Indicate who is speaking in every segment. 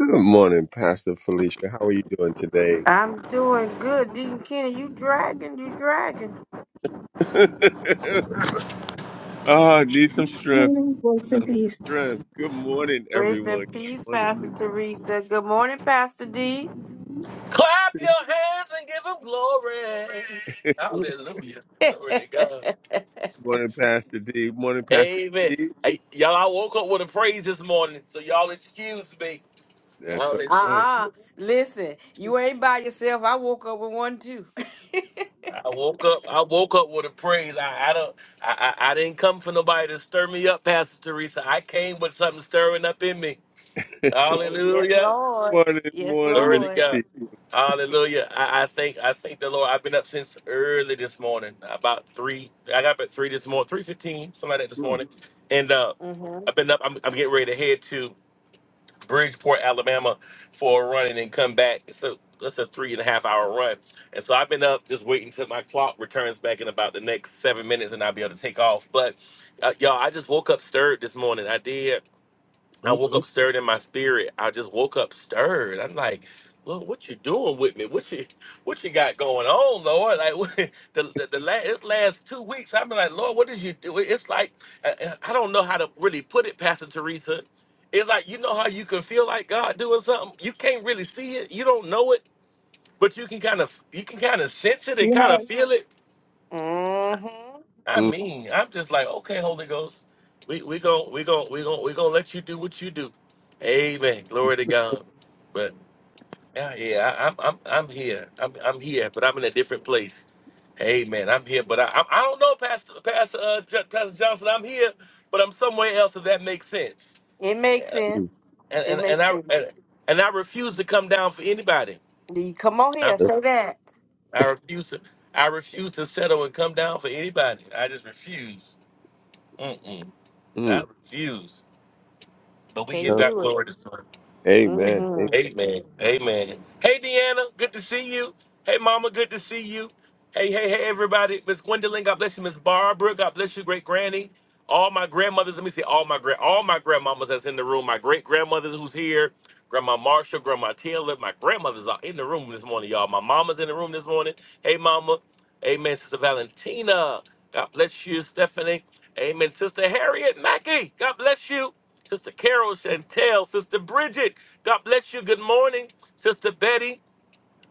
Speaker 1: Good morning, Pastor Felicia. How are you doing today?
Speaker 2: I'm doing good. Deacon Kenny, you dragging, you dragging.
Speaker 1: Ah, I need some strength.
Speaker 3: no, grace and peace.
Speaker 1: Strength. Good morning,
Speaker 2: Grace and
Speaker 1: everyone.
Speaker 2: peace,
Speaker 1: Good morning.
Speaker 2: Pastor Teresa. Good morning, Pastor D.
Speaker 4: Clap your hands and give him glory.
Speaker 2: Uh
Speaker 4: Hallelujah. Glory to God.
Speaker 1: morning, Pastor D. Morning, Pastor
Speaker 4: Amen.
Speaker 1: D.
Speaker 4: Hey, y'all, I woke up with a praise this morning, so y'all excuse me.
Speaker 1: That's all
Speaker 4: Hallelujah.
Speaker 1: right.
Speaker 2: uh Listen, you ain't by yourself. I woke up with one too.
Speaker 4: I woke up. I woke up with a praise. I, I don't. I, I I didn't come for nobody to stir me up, Pastor Teresa. I came with something stirring up in me.
Speaker 2: Hey, yes,
Speaker 4: Hallelujah.
Speaker 2: Lord.
Speaker 1: morning,
Speaker 2: Yes,
Speaker 1: morning,
Speaker 4: Glory
Speaker 1: Minister
Speaker 4: to
Speaker 2: Lord.
Speaker 4: God.
Speaker 1: T.
Speaker 4: Hallelujah. I, I think I think the Lord. I've been up since early this morning, about three. I got up at three this morning, three fifteen, something like that this
Speaker 1: Mm.
Speaker 4: morning. And uh
Speaker 2: Mm-hmm.
Speaker 4: I've been up. I'm, I'm getting ready to head to Bridgeport, Alabama, for a run and then come back. So that's a three and a half hour run. And so I've been up just waiting till my clock returns back in about the next seven minutes, and I'll be able to take off. But uh, y'all, I just woke up stirred this morning. I did. I
Speaker 1: Okay.
Speaker 4: woke up stirred in my spirit. I just woke up stirred. I'm like, Lord, what you doing with me? What you what you got going on, Lord? Like what, the the, the last this last two weeks, I've been like, Lord, what did you do? It's like I, I don't know how to really put it, Pastor Teresa. It's like you know how you can feel like God doing something. You can't really see it. You don't know it, but you can kind of you can kind of sense it and kind of
Speaker 3: Yes.
Speaker 4: feel it
Speaker 2: Mm-hmm.
Speaker 4: I
Speaker 1: Mm,
Speaker 4: mean, I'm just like, okay, Holy Ghost, we we gon' we gon' we gon' we gonna let you do what you do. Amen. Glory to God. But yeah, yeah, I, I'm I'm I'm here. I'm I'm here, but I'm in a different place. Amen. I'm here, but I I, I don't know, Pastor Pastor uh, J- Pastor Johnson. I'm here, but I'm somewhere else. If that makes sense.
Speaker 2: It makes
Speaker 4: Yeah.
Speaker 2: sense.
Speaker 1: mm,
Speaker 4: And
Speaker 2: It
Speaker 4: and, and
Speaker 2: makes
Speaker 4: I
Speaker 2: sense.
Speaker 4: and, and I refuse to come down for anybody.
Speaker 2: You come on here,
Speaker 4: I'm
Speaker 1: mm.
Speaker 2: say
Speaker 4: sorry.
Speaker 2: that.
Speaker 4: I refuse to I refuse to settle and come down for anybody. I just refuse.
Speaker 1: mm.
Speaker 4: That refused, But we give
Speaker 2: Can't
Speaker 1: Amen.
Speaker 4: that
Speaker 2: do it.
Speaker 4: glory to God.
Speaker 1: Amen.
Speaker 2: Mm-hmm.
Speaker 4: Amen. Amen. Hey, Deanna, good to see you. Hey, Mama, good to see you. Hey, hey, hey, everybody. Miss Gwendolyn, God bless you. Miss Barbara, God bless you. Great granny. All my grandmothers, let me see, all my grand, all my grandmamas that's in the room. My great grandmothers who's here. Grandma Marshall, Grandma Taylor. My grandmothers are in the room this morning, y'all. My mama's in the room this morning. Hey, Mama. Amen, Sister Valentina. God bless you, Stephanie. Amen, Sister Harriet Mackey. God bless you. Sister Carol Chantel, Sister Bridget, God bless you. Good morning. Sister Betty,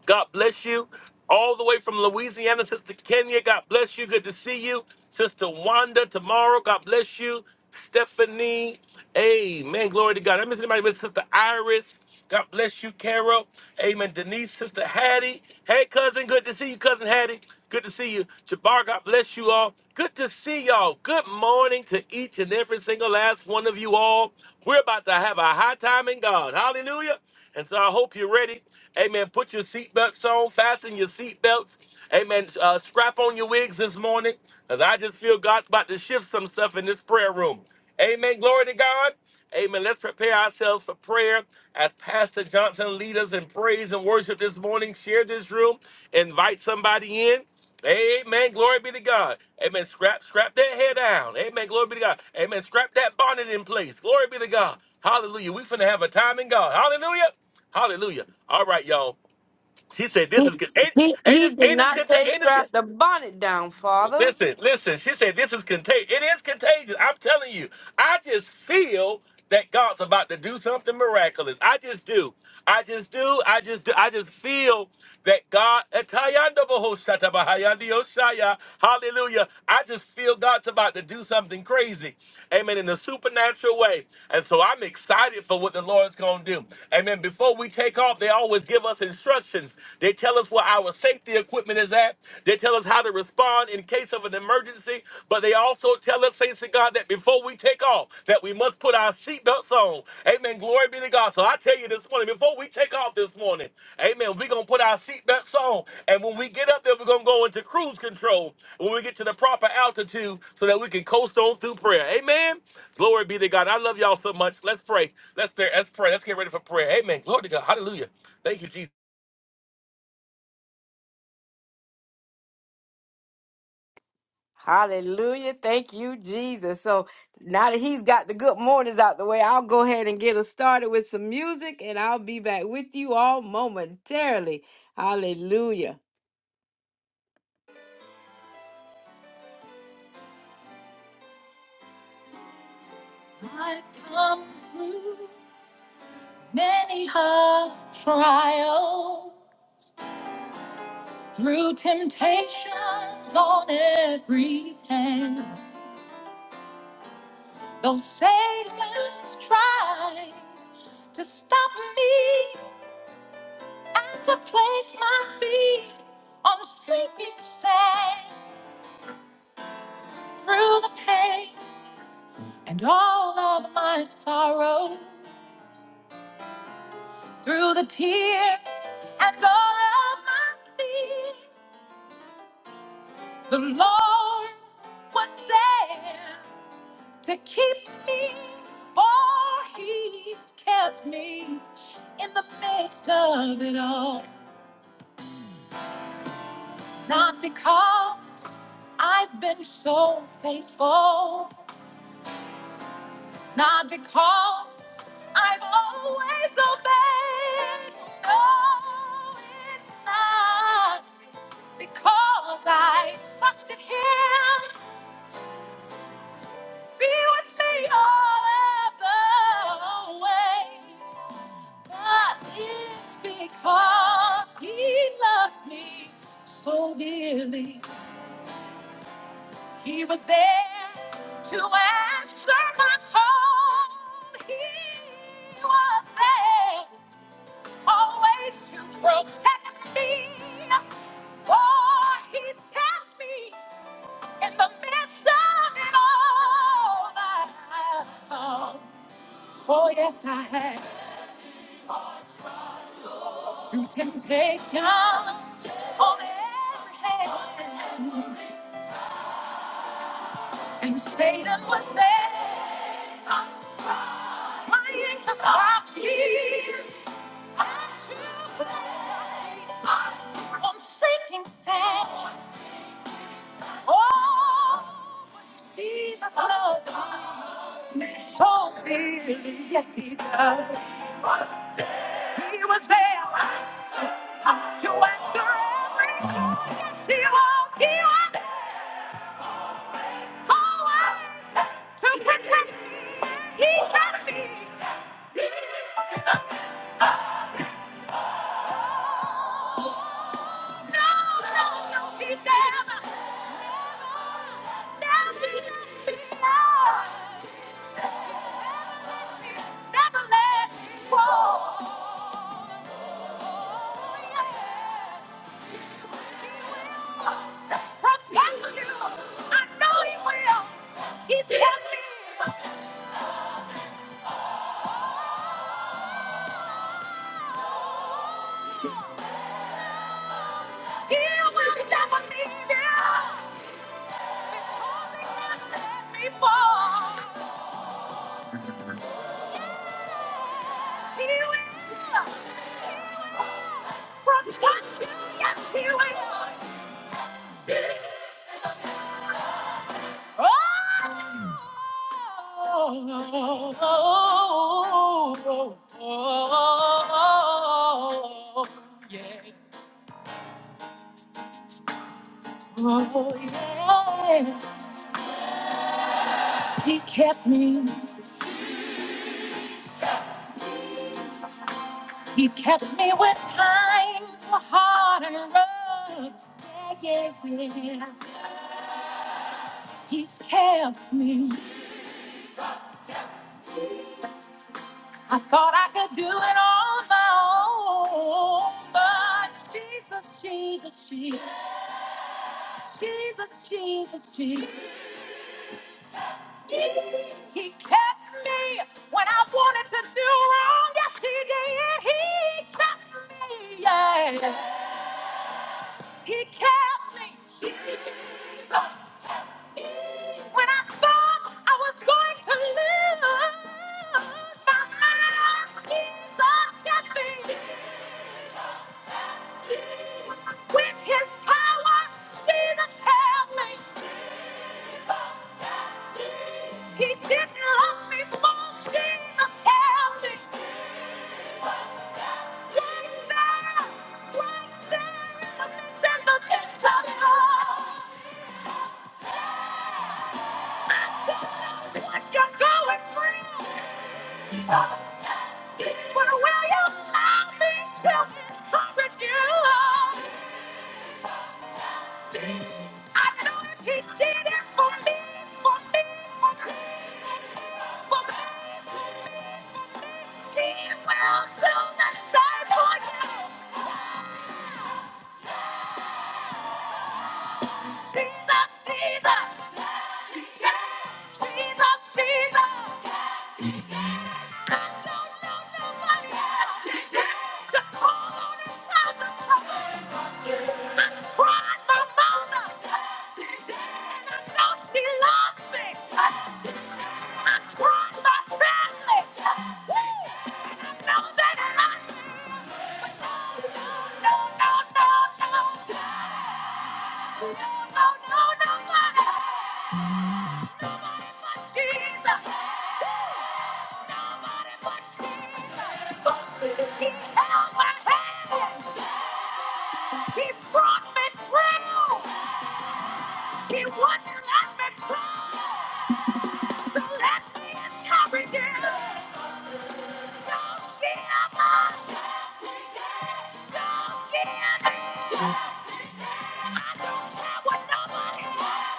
Speaker 4: God bless you. All the way from Louisiana, Sister Kenya, God bless you. Good to see you. Sister Wanda, tomorrow, God bless you. Stephanie, Amen. Glory to God. I miss anybody Miss Sister Iris. God bless you, Carol. Amen. Denise, Sister Hattie. Hey, cousin. Good to see you, cousin Hattie. Good to see you. Jabbar, God bless you all. Good to see y'all. Good morning to each and every single last one of you all. We're about to have a high time in God. Hallelujah. And so I hope you're ready. Amen. Put your seatbelts on, fasten your seatbelts. Amen. Uh, strap on your wigs this morning because I just feel God's about to shift some stuff in this prayer room. Amen. Glory to God. Amen. Let's prepare ourselves for prayer as Pastor Johnson lead us in praise and worship this morning. Share this room. Invite somebody in. Amen. Glory be to God. Amen. Scrap, scrap that hair down. Amen. Glory be to God. Amen. Scrap that bonnet in place. Glory be to God. Hallelujah. We finna have a time in God. Hallelujah. Hallelujah. All right, y'all. She said, "This
Speaker 2: He,
Speaker 4: is ain't
Speaker 2: he,
Speaker 4: ain't it
Speaker 2: he did
Speaker 4: ain't
Speaker 2: not
Speaker 4: it,
Speaker 2: say
Speaker 4: ain't
Speaker 2: strap
Speaker 4: it,
Speaker 2: the bonnet down, Father.
Speaker 4: Listen, listen. She said this is contagious. It is contagious. I'm telling you. I just feel that God's about to do something miraculous. I just do. I just do. I just do. I just feel that God. Atayanda boho shata bahayandi oshaya. Hallelujah. I just feel God's about to do something crazy. Amen. In a supernatural way. And so I'm excited for what the Lord's going to do. Amen. Before we take off, they always give us instructions. They tell us what our safety equipment is at. They tell us how to respond in case of an emergency, but they also tell us, saints of God, that before we take off, that we must put our seatbelts on. Amen. Glory be to God. So I tell you this morning, before we take off this morning, amen, we're going to put our seatbelts on. And when we get up there, we're going to go into cruise control when we get to the proper altitude so that we can coast on through prayer. Amen. Glory be to God. I love y'all so much. Let's pray. Let's pray. Let's pray. Let's get ready for prayer. Amen. Glory to God. Hallelujah. Thank you, Jesus.
Speaker 2: Hallelujah. Thank you, Jesus. So now that he's got the good mornings out the way, I'll go ahead and get us started with some music and I'll be back with you all momentarily. Hallelujah. I've come through many hard trials, through temptations on every hand. Though Satan's tried to stop me, and to place my feet on the sinking sand through the pain and all of my sorrow through the tears and all of my fears the lord was there to keep me for he's kept me in the midst of it all not because i've been so faithful not because I've always obeyed. No, it's not because I trusted Him. Be with me all of the way. But it's because He loves me so dearly. He was there to answer my call. He was there always to protect me. For he's kept me in the midst of it all. I Oh, yes, I have. Through temptations on every hand. And Satan was there trying to stop me. And to blame, I'm seeking sound. Oh, Jesus loves me so dearly. Yes, he does. He was there to answer every call. Yes, he was. He was always to protect me. He kept me. He No, no, no, he never, never, never let me out. Never let me go. Oh, yes, he will protect you. I know he will. He's kept He will never leave you. Because he never let me fall. He will. He will. From God, yes, he will. Oh, oh, oh, oh, oh, oh, yeah. Oh, yeah. He kept me. He kept me when times were hard and rough. Yeah, yeah, yeah. He's kept me. I thought I could do it on my own, but Jesus, Jesus, Jesus, Jesus, Jesus, Jesus. He kept me when I wanted to do wrong. Yes, he did. He kept me. Yeah. He kept me. Jesus. When I thought I was going to lose my mind, Jesus kept me. With his power, Jesus help me. He didn't love me more. Jesus help me. Right there, right there in the midst in the midst of it all. I don't know what you're going through. But will you allow me to encourage you? I know if he did it for me, for me, for me, for me. for me. He will do don't the same for you, Jesus, Jesus, Yeah. Jesus, Jesus. yeah, I I've I I've I I'm. know know know nobody else Yeah, to call on my my mother, and and she loves me. I tried my family, Yeah, and I know that I. No, no, no, no. No, no, no, nobody but Jesus. Nobody but Jesus. He held my hand. He brought me through. He wouldn't let me go. So let me encourage you. Don't give up. Don't give in. I don't care what nobody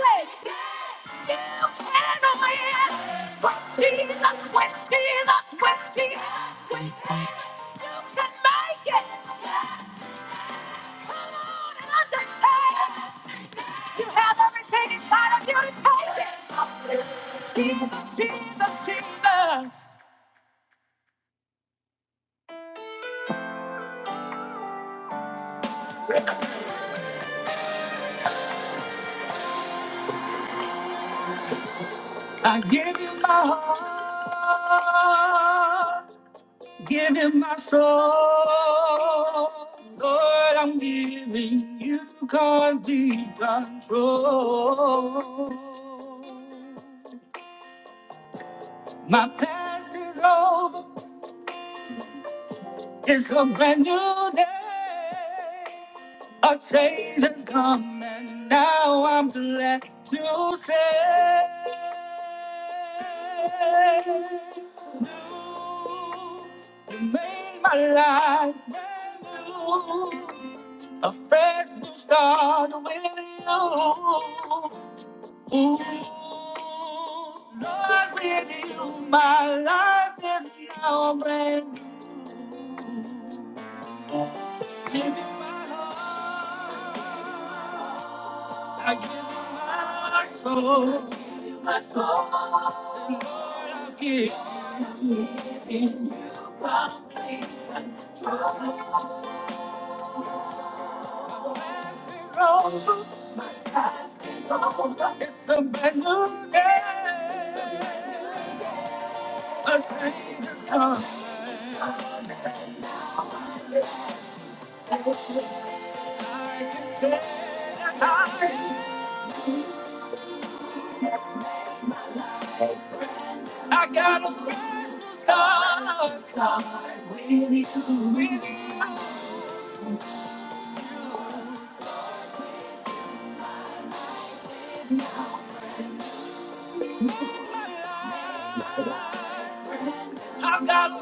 Speaker 2: says. You can only ask for Jesus, with Jesus, with Jesus, with Jesus. You can make it. Come on and understand. You have everything inside of you to take it. Jesus, Jesus, Jesus. I give you my heart. Give him my soul. Lord, I'm giving you complete control. My past is over. It's a brand new day. A change has come, and now I'm glad to say. You you made my life brand new. A fresh new start with you. Ooh, Lord, with you, my life is now brand new. give you my heart. I give you my soul. My soul. Lord, I give you all. It's a brand new day. A change has come. I can tell I got a fresh new start. With you. I've got a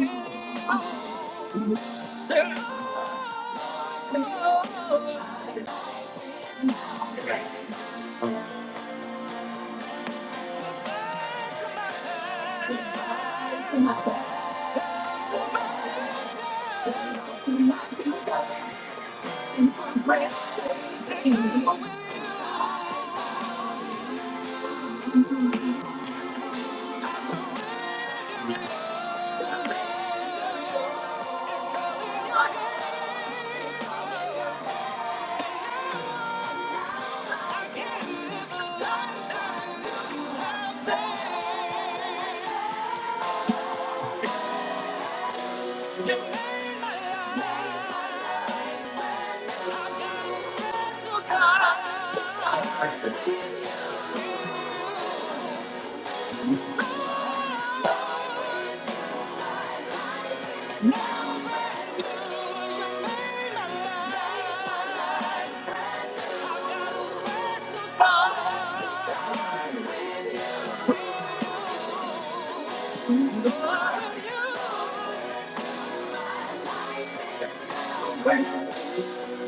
Speaker 2: fresh new start.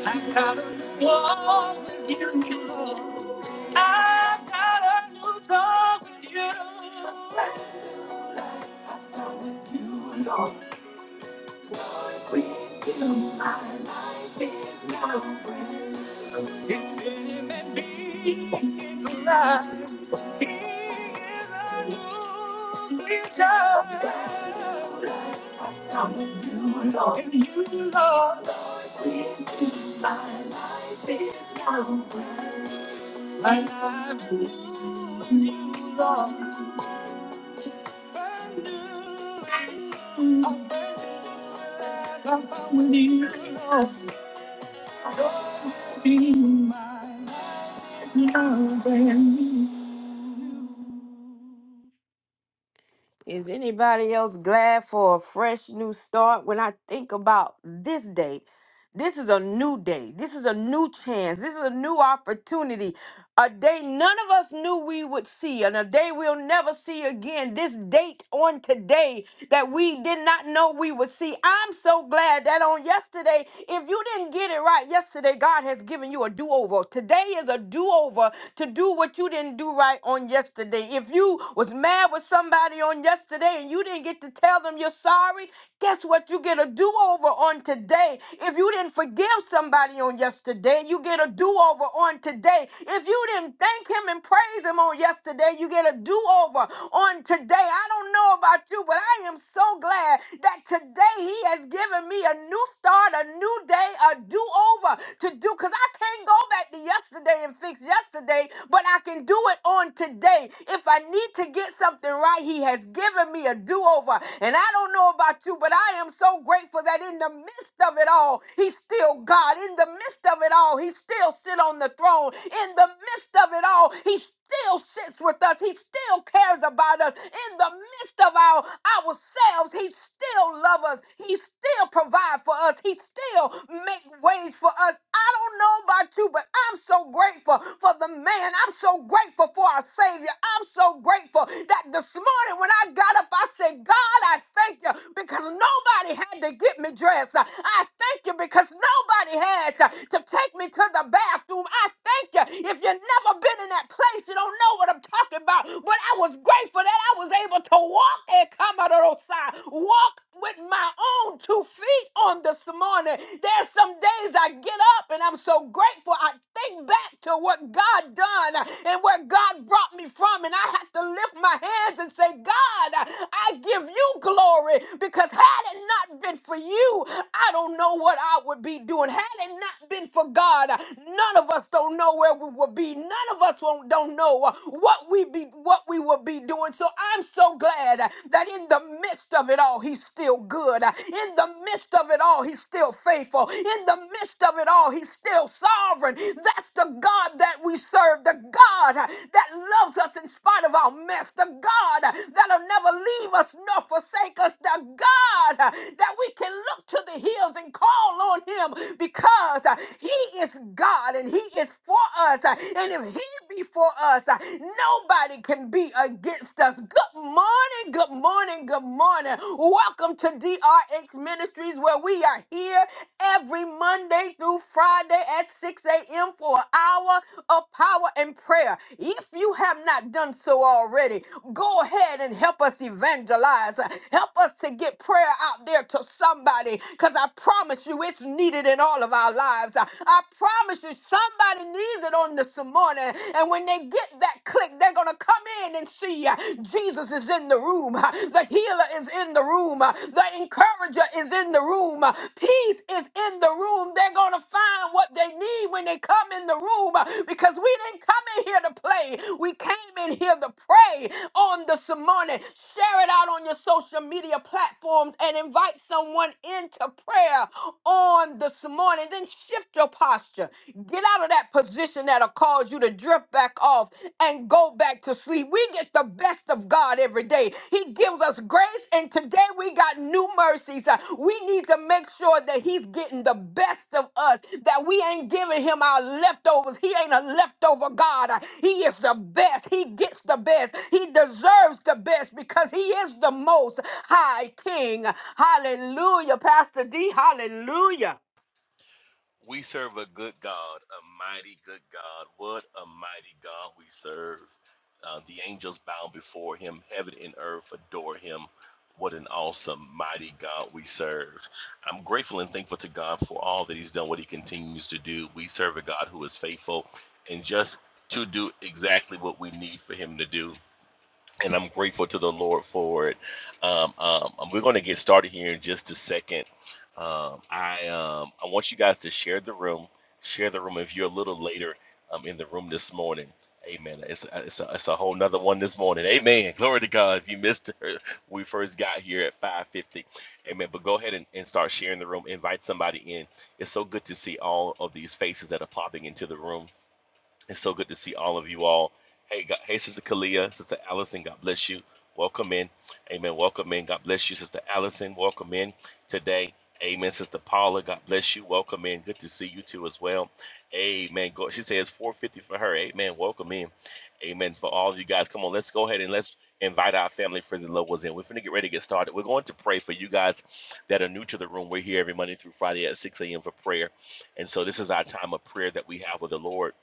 Speaker 2: I got a new love with you, Lord. I got a new love with you. With you alone. I'm with you. Is anybody else glad for a fresh new start? When I think about this day, This is a new day. This is a new chance. This is a new opportunity. A day none of us knew we would see, and a day we'll never see again. This date on today that we did not know we would see. I'm so glad that on yesterday, if you didn't get it right yesterday, God has given you a do over. Today is a do over to do what you didn't do right on yesterday. If you was mad with somebody on yesterday and you didn't get to tell them you're sorry, guess what? You get a do over on today. If you didn't didn't forgive somebody on yesterday, you get a do over on today. If you didn't thank him and praise him on yesterday, you get a do over on today. I don't know about you, but I am so glad that today he has given me a new start, a new day, a do over over to do because I can't go back to yesterday and fix yesterday, but I can do it on today. If I need to get something right, He has given me a do over. And I don't know about you, but I am so grateful that in the midst of it all, He's still God. In the midst of it all, He still sit on the throne. In the midst of it all, He still sits with us. He still cares about us. In the midst of our ourselves, He still loves us. He still provides provide for us. He still make ways for us. I don't know about you, but I'm so grateful for the man. I'm so grateful for our Savior. I'm so grateful that this morning when I got up, I said, God, I thank you because nobody had to get me dressed. I thank you because nobody had to, to take me to the bathroom. I thank you. If you've never been in that place, you don't know what I'm talking about. But I was grateful that I was able to walk and come out of those side, walk with my own two feet on this morning. There's some days I get up and I'm so grateful. I think back to what God done and where God brought me from, and I have to lift my hands and say, God, I give you glory because had it not been for you, I don't know what I would be doing. Had it not been for God, none of us don't know where we would be. None of us won't, don't know what we be what we would be doing. So I'm so glad glad uh, that in the midst of it all, he's still good. Uh, In the midst of it all, he's still faithful. In the midst of it all, he's still sovereign. That's the God that we serve, the God uh, that loves us in spite of our mess, the God uh, that'll never leave us nor forsake us, the God uh, that we can look to the hills and call on him because uh, he is God and he is for us. Uh, And if he be for us, uh, nobody nobody can be against us. Good morning, good morning, good morning. Welcome to DRH Ministries, where we are here every Monday through Friday at 6 a.m. for an hour of power and prayer. If you have not done so already, go ahead and help us evangelize. Help us to get prayer out there to somebody because I promise you it's needed in all of our lives. I promise you somebody needs it on this morning morning. And when they get that click, they're going to come in and see uh, Jesus is in the room. uh, The healer is in the room. uh, The encourager is in the room. uh, Peace is in the room. They're going to find what they need when they come in the room uh, because we didn't come in here to play. We came in here to pray on this morning. Share it out on your social media platforms and invite someone into prayer on this morning. Then shift your posture. Get out of that position that'll cause you to drift back off and go back to sleep. We get the best of God every day. He gives us grace, and today we got new mercies. Uh, We need to make sure that He's getting the best of us, that we ain't giving Him our leftovers. He ain't a leftover God. Uh, He is the best. He gets the best. He deserves the best because He is the most high King. Hallelujah, Pastor D. Hallelujah.
Speaker 4: We serve a good God, a mighty good God. What a mighty God we serve. Uh, the angels bow before him, heaven and earth adore him. What an awesome, mighty God we serve. I'm grateful and thankful to God for all that he's done, what he continues to do. We serve a God who is faithful and just to do exactly what we need for him to do. And I'm grateful to the Lord for it. Um, um, we're going to get started here in just a second. Um, I um, I want you guys to share the room. Share the room if you're a little later um, in the room this morning. Amen. It's a, it's a, it's a whole nother one this morning. Amen. Glory to God. If you missed her, we first got here at 5:50. Amen. But go ahead and, and start sharing the room. Invite somebody in. It's so good to see all of these faces that are popping into the room. It's so good to see all of you all. Hey, God, hey, Sister Kalia, Sister Allison, God bless you. Welcome in. Amen. Welcome in. God bless you, Sister Allison. Welcome in today. Amen, Sister Paula. God bless you. Welcome in. Good to see you too as well. Amen. Go, she says 450 for her. Amen. Welcome in. Amen. For all of you guys, come on, let's go ahead and let's invite our family, friends, and loved ones in. We're going to get ready to get started. We're going to pray for you guys that are new to the room. We're here every Monday through Friday at 6 a.m. for prayer. And so this is our time of prayer that we have with the Lord.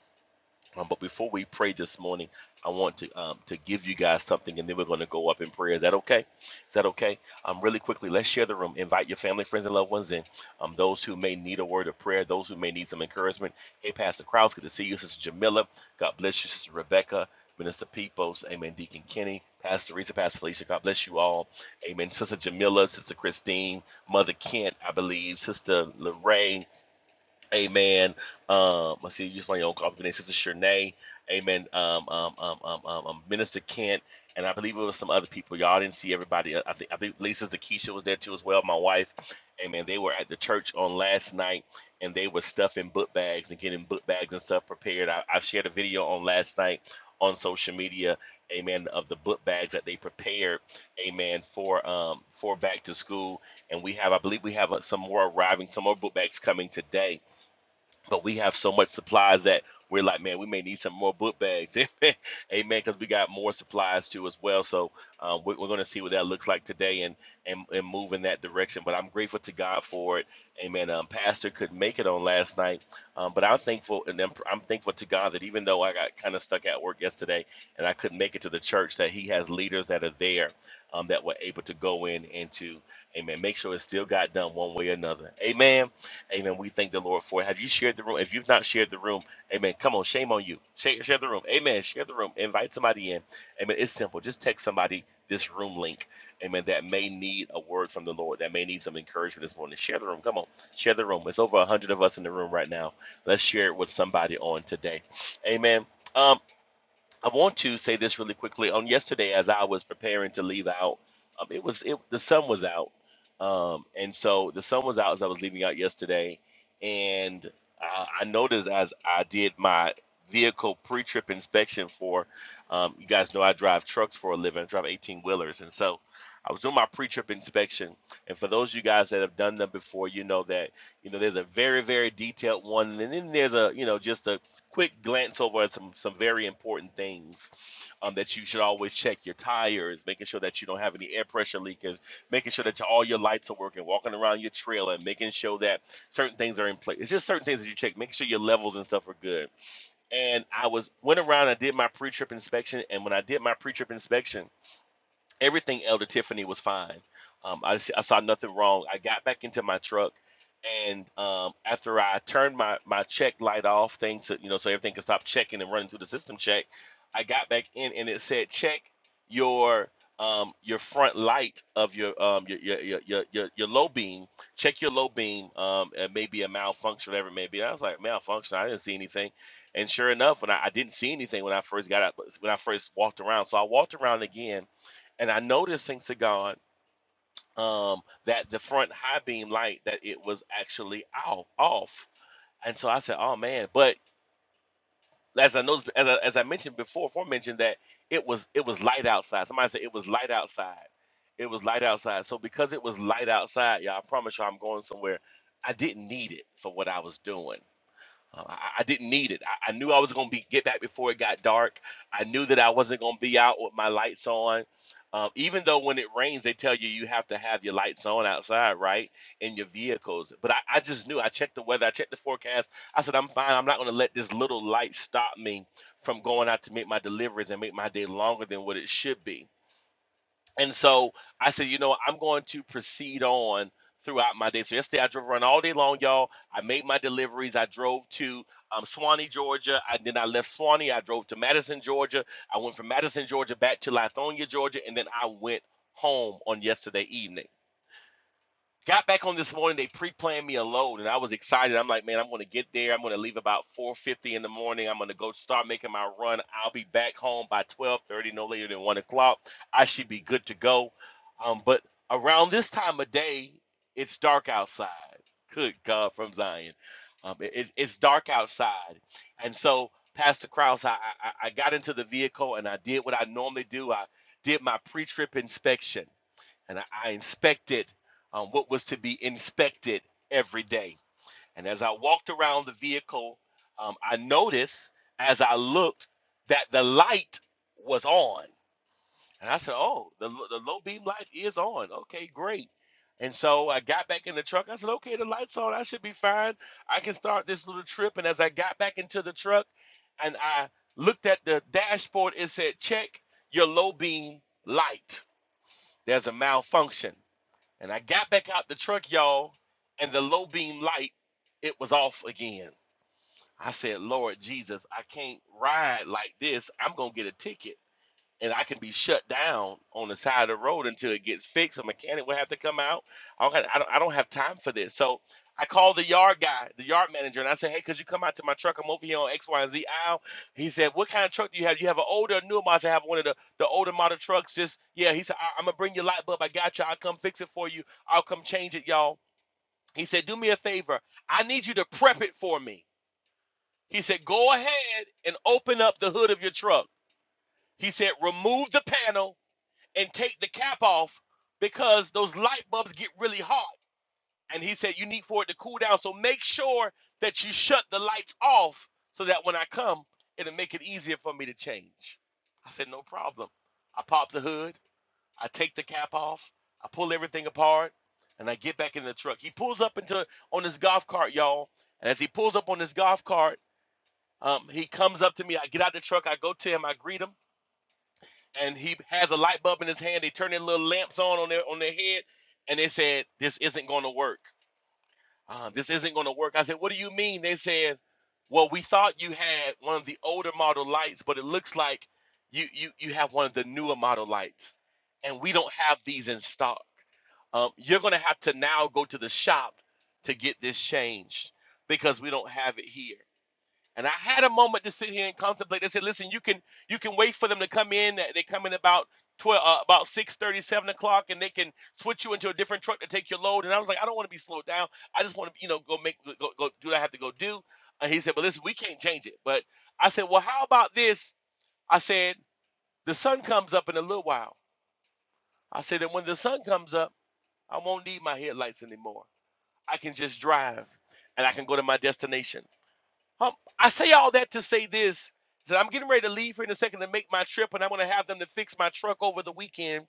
Speaker 4: Um, but before we pray this morning, I want to um, to give you guys something, and then we're going to go up in prayer. Is that okay? Is that okay? Um, really quickly, let's share the room. Invite your family, friends, and loved ones in. Um, those who may need a word of prayer, those who may need some encouragement. Hey, Pastor Krause, good to see you, Sister Jamila. God bless you, Sister Rebecca, Minister Peoples, Amen. Deacon Kenny, Pastor Teresa, Pastor Felicia. God bless you all. Amen. Sister Jamila, Sister Christine, Mother Kent, I believe, Sister Lorraine. Amen. Um, let's see, use my own copy name, Sister Shernay. Amen. Um, um, um, um, um, um, Minister Kent, and I believe it was some other people. Y'all didn't see everybody. I think I think Lisa's the Keisha was there too as well. My wife. Amen. They were at the church on last night, and they were stuffing book bags and getting book bags and stuff prepared. I, I shared a video on last night on social media. Amen. Of the book bags that they prepared. Amen. For um for back to school, and we have I believe we have uh, some more arriving, some more book bags coming today but we have so much supplies that we're like, man, we may need some more book bags, amen, because we got more supplies too as well. So um, we're, we're going to see what that looks like today and, and and move in that direction. But I'm grateful to God for it, amen. Um, Pastor could make it on last night, um, but I'm thankful and I'm, I'm thankful to God that even though I got kind of stuck at work yesterday and I couldn't make it to the church, that He has leaders that are there um, that were able to go in and to, amen, make sure it still got done one way or another, amen. Amen. We thank the Lord for it. Have you shared the room? If you've not shared the room, amen. Come on, shame on you. Share, share the room. Amen. Share the room. Invite somebody in. Amen. It's simple. Just text somebody this room link. Amen. That may need a word from the Lord. That may need some encouragement this morning. Share the room. Come on. Share the room. It's over 100 of us in the room right now. Let's share it with somebody on today. Amen. Um, I want to say this really quickly. On yesterday, as I was preparing to leave out, um, it was it, the sun was out, um, and so the sun was out as I was leaving out yesterday, and I, I noticed as I did my vehicle pre-trip inspection for, um, you guys know I drive trucks for a living, I drive 18 wheelers, and so I was doing my pre-trip inspection, and for those of you guys that have done them before, you know that you know there's a very very detailed one, and then there's a you know just a quick glance over at some some very important things um, that you should always check your tires making sure that you don't have any air pressure leakers making sure that all your lights are working walking around your trailer and making sure that certain things are in place it's just certain things that you check making sure your levels and stuff are good and i was went around i did my pre-trip inspection and when i did my pre-trip inspection everything Elder Tiffany was fine. Um, I, s- I saw nothing wrong. I got back into my truck, and um, after I turned my, my check light off, things that, you know, so everything could stop checking and running through the system check. I got back in, and it said check your um, your front light of your um your your, your your your your low beam. Check your low beam. Um, it may be a malfunction, whatever it may be. And I was like malfunction. I didn't see anything, and sure enough, when I, I didn't see anything when I first got out, when I first walked around, so I walked around again and I noticed, thanks to God, um, that the front high beam light that it was actually off, off. And so I said, "Oh man!" But as I noticed, as I, as I mentioned before, mentioned that it was it was light outside. Somebody said it was light outside. It was light outside. So because it was light outside, y'all, I promise you, I'm going somewhere. I didn't need it for what I was doing. Um, I, I didn't need it. I, I knew I was going to be get back before it got dark. I knew that I wasn't going to be out with my lights on. Um, even though when it rains, they tell you you have to have your lights on outside, right, in your vehicles. But I, I just knew. I checked the weather. I checked the forecast. I said, I'm fine. I'm not going to let this little light stop me from going out to make my deliveries and make my day longer than what it should be. And so I said, you know, what, I'm going to proceed on throughout my day. So yesterday I drove around all day long, y'all. I made my deliveries. I drove to um, Swanee, Georgia. I then I left Swanee. I drove to Madison, Georgia. I went from Madison, Georgia back to Lithonia, Georgia, and then I went home on yesterday evening. Got back on this morning. They pre-planned me a load, and I was excited. I'm like, man, I'm going to get there. I'm going to leave about 4:50 in the morning. I'm going to go start making my run. I'll be back home by 12:30, no later than one o'clock. I should be good to go. Um, but around this time of day, it's dark outside. Good God, from Zion, um, it, it's dark outside, and so Pastor Krause, I, I I got into the vehicle and I did what I normally do. I did my pre-trip inspection and I, I inspected um, what was to be inspected every day. And as I walked around the vehicle, um, I noticed as I looked that the light was on. And I said, Oh, the, the low beam light is on. Okay, great. And so I got back in the truck. I said, Okay, the light's on. I should be fine. I can start this little trip. And as I got back into the truck and I looked at the dashboard, it said, Check your low beam light. There's a malfunction. And I got back out the truck, y'all, and the low beam light, it was off again. I said, Lord Jesus, I can't ride like this. I'm going to get a ticket and I can be shut down on the side of the road until it gets fixed. A mechanic will have to come out. I don't, I don't, I don't have time for this. So I called the yard guy, the yard manager, and I said, "Hey, could you come out to my truck? I'm over here on X, Y, and Z aisle." He said, "What kind of truck do you have? You have an older, or newer model?" I said, "I have one of the, the older model trucks." Just yeah, he said, I, "I'm gonna bring your light bulb. I got you. I'll come fix it for you. I'll come change it, y'all." He said, "Do me a favor. I need you to prep it for me." He said, "Go ahead and open up the hood of your truck." He said, "Remove the panel and take the cap off because those light bulbs get really hot. And he said, You need for it to cool down. So make sure that you shut the lights off so that when I come, it'll make it easier for me to change. I said, No problem. I pop the hood, I take the cap off, I pull everything apart, and I get back in the truck. He pulls up into on his golf cart, y'all. And as he pulls up on his golf cart, um, he comes up to me. I get out the truck, I go to him, I greet him and he has a light bulb in his hand. They turn their little lamps on on their on their head, and they said, "This isn't going to work. Uh, this isn't going to work." I said, "What do you mean?" They said, "Well, we thought you had one of the older model lights, but it looks like you you you have one of the newer model lights, and we don't have these in stock. Um, you're going to have to now go to the shop to get this changed because we don't have it here." And I had a moment to sit here and contemplate. They said, "Listen, you can you can wait for them to come in. They come in about twelve, uh, about six thirty, seven o'clock, and they can switch you into a different truck to take your load." And I was like, "I don't want to be slowed down. I just want to, you know, go make go, go do what I have to go do." And he said, "But listen, we can't change it." But I said, "Well, how about this?" I said, "The sun comes up in a little while." I said, "And when the sun comes up, I won't need my headlights anymore. I can just drive, and I can go to my destination." Hum, I say all that to say this: that I'm getting ready to leave here in a second to make my trip, and I'm going to have them to fix my truck over the weekend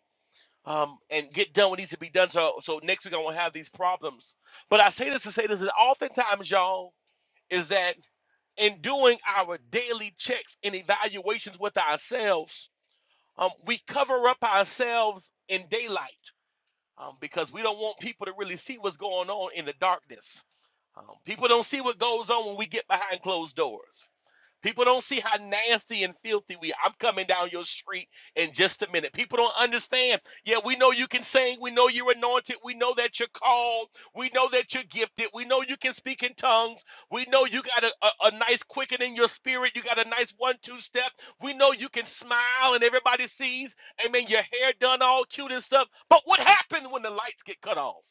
Speaker 4: um, and get done what needs to be done. So, so next week I won't have these problems. But I say this to say this: that oftentimes, y'all, is that in doing our daily checks and evaluations with ourselves, um, we cover up ourselves in daylight um, because we don't want people to really see what's going on in the darkness. Um, people don't see what goes on when we get behind closed doors. People don't see how nasty and filthy we are. I'm coming down your street in just a minute. People don't understand. Yeah, we know you can sing. We know you're anointed. We know that you're called. We know that you're gifted. We know you can speak in tongues. We know you got a, a, a nice quickening in your spirit. You got a nice one two step. We know you can smile and everybody sees. Amen. Your hair done all cute and stuff. But what happened when the lights get cut off?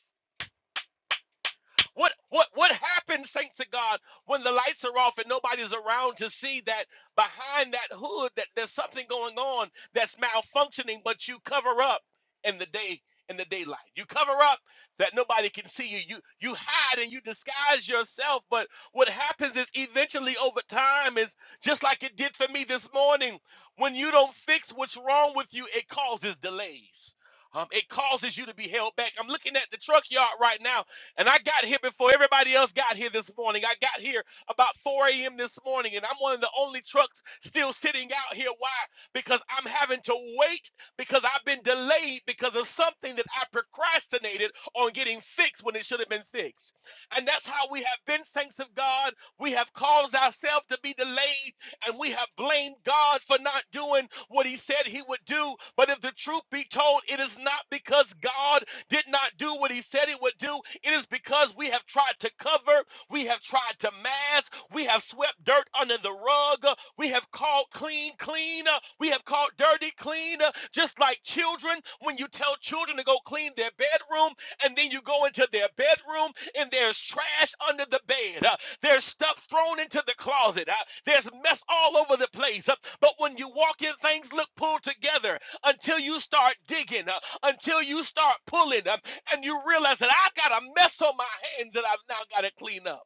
Speaker 4: What what what happens, saints of God, when the lights are off and nobody's around to see that behind that hood that there's something going on that's malfunctioning, but you cover up in the day in the daylight. You cover up that nobody can see you. You you hide and you disguise yourself. But what happens is eventually over time is just like it did for me this morning. When you don't fix what's wrong with you, it causes delays. Um, it causes you to be held back. I'm looking at the truck yard right now and I got here before everybody else got here this morning. I got here about 4 a.m. this morning, and I'm one of the only trucks still sitting out here. Why? Because I'm having to wait because I've been delayed because of something that I procrastinated on getting fixed when it should have been fixed. And that's how we have been saints of God. We have caused ourselves to be delayed and we have blamed God for not doing what he said he would do. But if the truth be told, it is not because God did not do what he said he would do. It is because we have tried to cover, we have tried to mask, we have swept dirt under the rug, we have called clean, clean uh, We have called dirty clean, uh, just like children. When you tell children to go clean their bedroom, and then you go into their bedroom, and there's trash under the bed, uh, there's stuff thrown into the closet, uh, there's mess all over the place. uh, But when you walk in, things look pulled together until you start digging, uh, until you start pulling, um, and you realize that I got a mess on my hands that I've now got to clean up.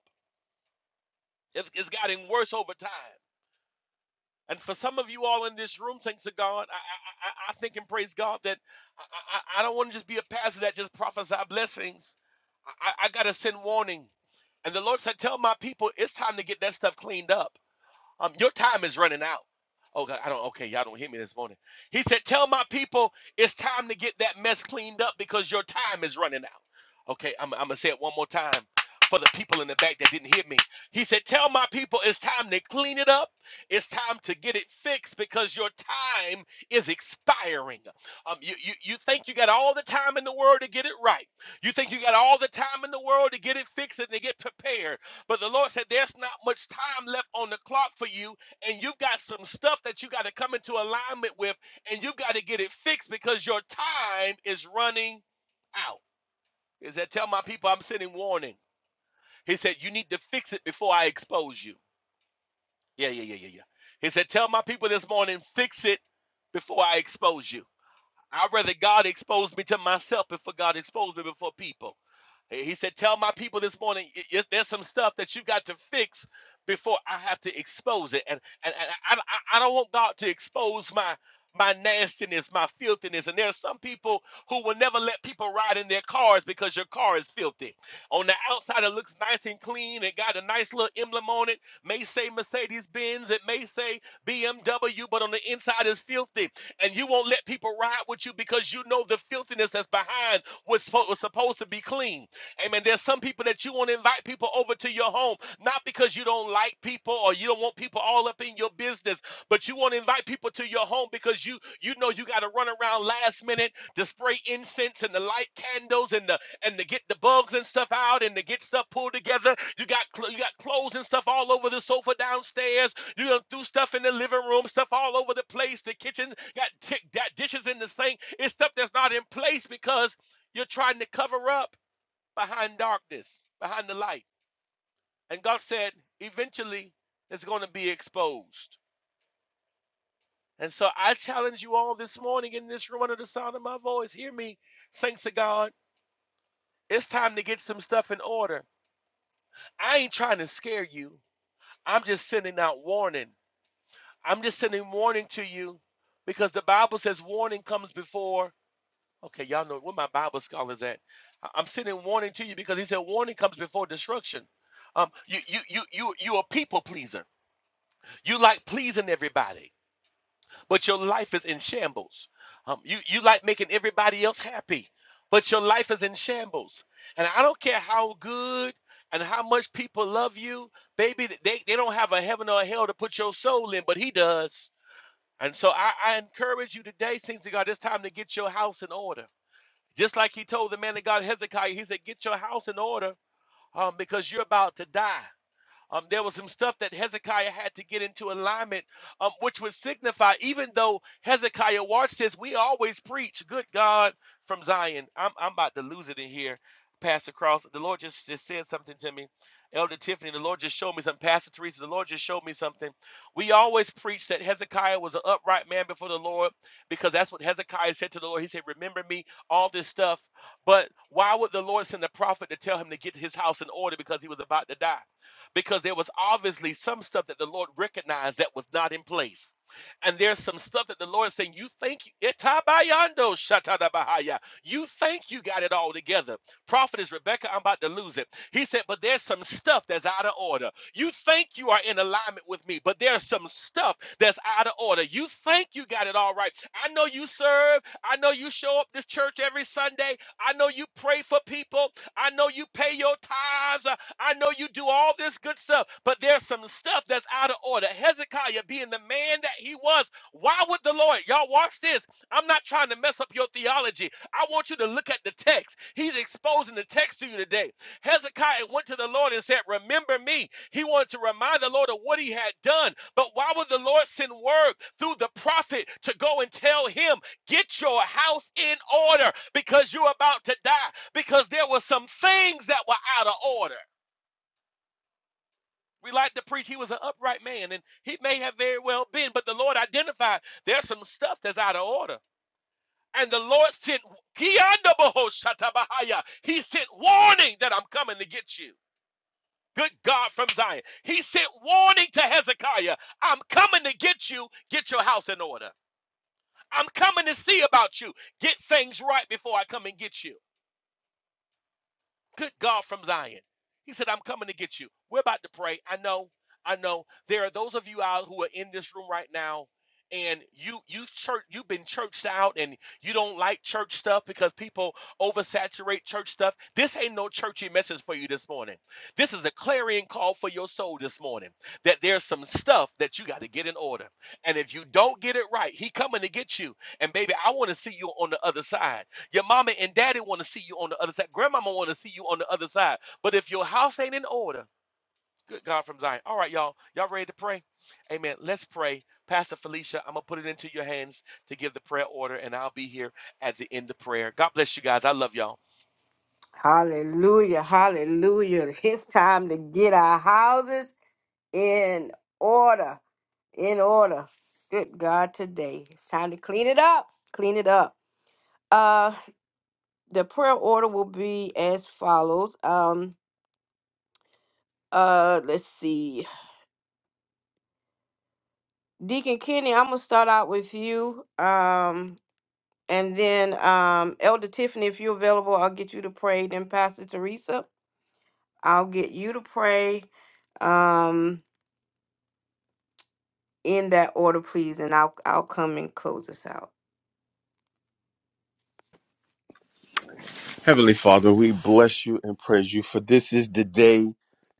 Speaker 4: It's, it's gotten worse over time. And for some of you all in this room, thanks to God, I, I, I think and praise God that I, I, I don't want to just be a pastor that just prophesy blessings. I, I got to send warning. And the Lord said, Tell my people it's time to get that stuff cleaned up. Um, your time is running out. Oh God, I don't. Okay, y'all don't hear me this morning. He said, "Tell my people it's time to get that mess cleaned up because your time is running out." Okay, I'm, I'm gonna say it one more time for the people in the back that didn't hear me. He said, "Tell my people it's time to clean it up. It's time to get it fixed because your time is expiring. Um, you you, you think you got all the time in the world to get it right. You think you got all the time in the world to get it fixed and to get prepared. But the Lord said, There's not much time left on the clock for you, and you've got some stuff that you got to come into alignment with, and you've got to get it fixed because your time is running out. Is that tell my people I'm sending warning? He said, You need to fix it before I expose you. Yeah, yeah, yeah, yeah, yeah. He said, Tell my people this morning, fix it before I expose you. I'd rather God expose me to myself before God expose me before people. He he said, Tell my people this morning, y- y- there's some stuff that you've got to fix before I have to expose it. And, and, and I, I, I don't want God to expose my my nastiness, my filthiness. And there are some people who will never let people ride in their cars because your car is filthy. On the outside, it looks nice and clean. It got a nice little emblem on it. May say Mercedes Benz. It may say BMW, but on the inside is filthy. And you won't let people ride with you because you know the filthiness that's behind what's supposed, supposed to be clean. Amen. There's some people that you won't invite people over to your home not because you don't like people or you don't want people all up in your business, but you want to invite people to your home because you you know you got to run around last minute to spray incense and to light candles and the and to get the bugs and stuff out and to get stuff pulled together. You got you got clothes and stuff all over the sofa downstairs. You done threw stuff in the living room, stuff all over the place. The kitchen got tick that dishes in the sink. It's stuff that's not in place because you're trying to cover up behind darkness, behind the light. And God said, eventually it's going to be exposed. And so I challenge you all this morning in this room under the sound of my voice. Hear me, saints of God. It's time to get some stuff in order. I ain't trying to scare you. I'm just sending out warning. I'm just sending warning to you because the Bible says warning comes before. Okay, y'all know where my Bible scholars at. I- am sending warning to you because he said warning comes before destruction. Um, you you you you you a people pleaser. You like pleasing everybody. but your life is in shambles. Um, you you like making everybody else happy, but your life is in shambles. And I don't care how good and how much people love you, baby. They they don't have a heaven or a hell to put your soul in, but He does. And so I, I encourage you today, saints of God, it's time to get your house in order. Just like He told the man of God Hezekiah, He said, "Get your house in order, um, because you're about to die." Um, there was some stuff that Hezekiah had to get into alignment, um, which would signify, even though Hezekiah watched this, we always preach, good God from Zion. I'm, I'm about to lose it in here, Pastor Cross. The Lord just, just said something to me. Elder Tiffany, the Lord just showed me something. Pastor Teresa, the Lord just showed me something. We always preach that Hezekiah was an upright man before the Lord because that's what Hezekiah said to the Lord. He said, Remember me, all this stuff. But why would the Lord send a prophet to tell him to get his house in order because he was about to die? because there was obviously some stuff that the Lord recognized that was not in place. And there's some stuff that the Lord is saying, You think you, Itabayando shatadabahaya. you think you got it all together. Prophetess Rebecca, I'm about to lose it. He said, But there's some stuff that's out of order. You think you are in alignment with me, but there's some stuff that's out of order. You think you got it all right. I know you serve. I know you show up to church every Sunday. I know you pray for people. I know you pay your tithes. Uh, I know you do all this good stuff, but there's some stuff that's out of order. Hezekiah being the man that he was, why would the Lord, y'all watch this? I'm not trying to mess up your theology. I want you to look at the text. He's exposing the text to you today. Hezekiah went to the Lord and said, Remember me. He wanted to remind the Lord of what he had done. But why would the Lord send word through the prophet to go and tell him, Get your house in order because you're about to die? Because there were some things that were out of order. We like to preach he was an upright man, and he may have very well been, but the Lord identified there's some stuff that's out of order. And the Lord sent Kiandabahoshatabahaya. He sent warning that I'm coming to get you. Good God from Zion. He sent warning to Hezekiah. I'm coming to get you. Get your house in order. I'm coming to see about you. Get things right before I come and get you. Good God from Zion. He said, I'm coming to get you. We're about to pray. I know, I know. There are those of you out who are in this room right now and you you've church you've been churched out and you don't like church stuff because people oversaturate church stuff this ain't no churchy message for you this morning this is a clarion call for your soul this morning that there's some stuff that you got to get in order and if you don't get it right he coming to get you and baby i want to see you on the other side your mama and daddy want to see you on the other side. Grandmama want to see you on the other side. But if your house ain't in order, good God from Zion. All right, y'all. Y'all ready to pray? Amen. Let's pray. Pastor Felicia, I'm going to put it into your hands to give the prayer order, and I'll be here at the end of prayer. God bless you guys. I love y'all.
Speaker 2: Hallelujah, hallelujah. It's time to get our houses in order, in order. Good God, today. It's time to clean it up, clean it up. Uh, the prayer order will be as follows. Um, uh, let's see. Deacon Kenny, I'm gonna start out with you. Um, and then um, Elder Tiffany, if you're available, I'll get you to pray. Then Pastor Teresa, I'll get you to pray. Um, in that order, please, and I'll I'll come and close us out.
Speaker 1: Heavenly Father, we bless you and praise you for this is the day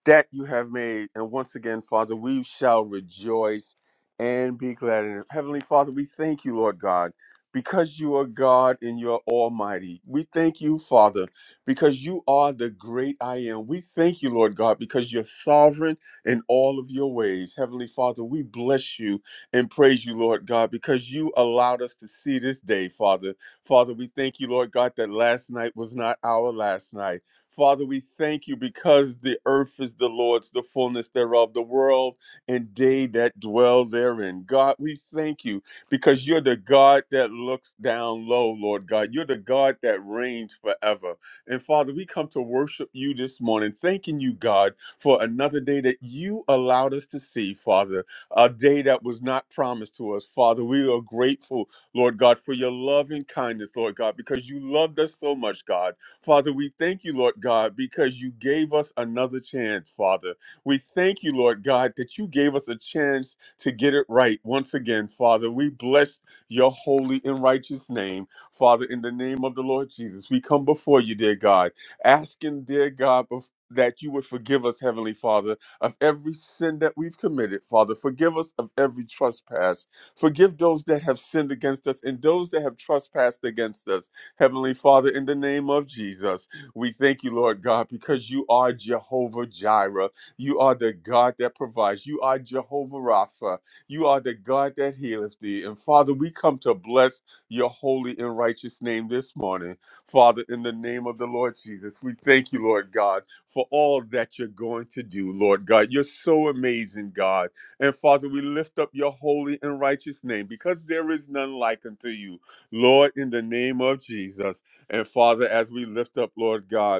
Speaker 1: that you have made. And once again, Father, we shall rejoice and be glad in it. Heavenly Father, we thank you, Lord God, because you are God and you're almighty. We thank you, Father, because you are the great I am. We thank you, Lord God, because you're sovereign in all of your ways. Heavenly Father, we bless you and praise you, Lord God, because you allowed us to see this day, Father. Father, we thank you, Lord God, that last night was not our last night. Father, we thank you because the earth is the Lord's, the fullness thereof, the world and they that dwell therein. God, we thank you because you're the God that looks down low, Lord God. You're the God that reigns forever. And Father, we come to worship you this morning, thanking you, God, for another day that you allowed us to see, Father, a day that was not promised to us, Father. We are grateful Lord God, for your loving kindness, Lord God, because you loved us so much, God. Father, we thank you, Lord God, because you gave us another chance, Father. We thank you, Lord God, that you gave us a chance to get it right once again, Father. We bless your holy and righteous name, Father, in the name of the Lord Jesus. We come before you, dear God, asking, dear God, bef- that you would forgive us, Heavenly Father, of every sin that we've committed, Father. Forgive us of every trespass. Forgive those that have sinned against us and those that have trespassed against us. Heavenly Father, in the name of Jesus, we thank you, Lord God, because you are Jehovah Jireh. You are the God that provides. You are Jehovah Rapha. You are the God that healeth thee. And Father, we come to bless your holy and righteous name this morning. Father, in the name of the Lord Jesus, we thank you, Lord God, for all that you're going to do, Lord God. You're so amazing, God. And Father, we lift up your holy and righteous name because there is none like unto you, Lord, in the name of Jesus. And Father, as we lift up, Lord God,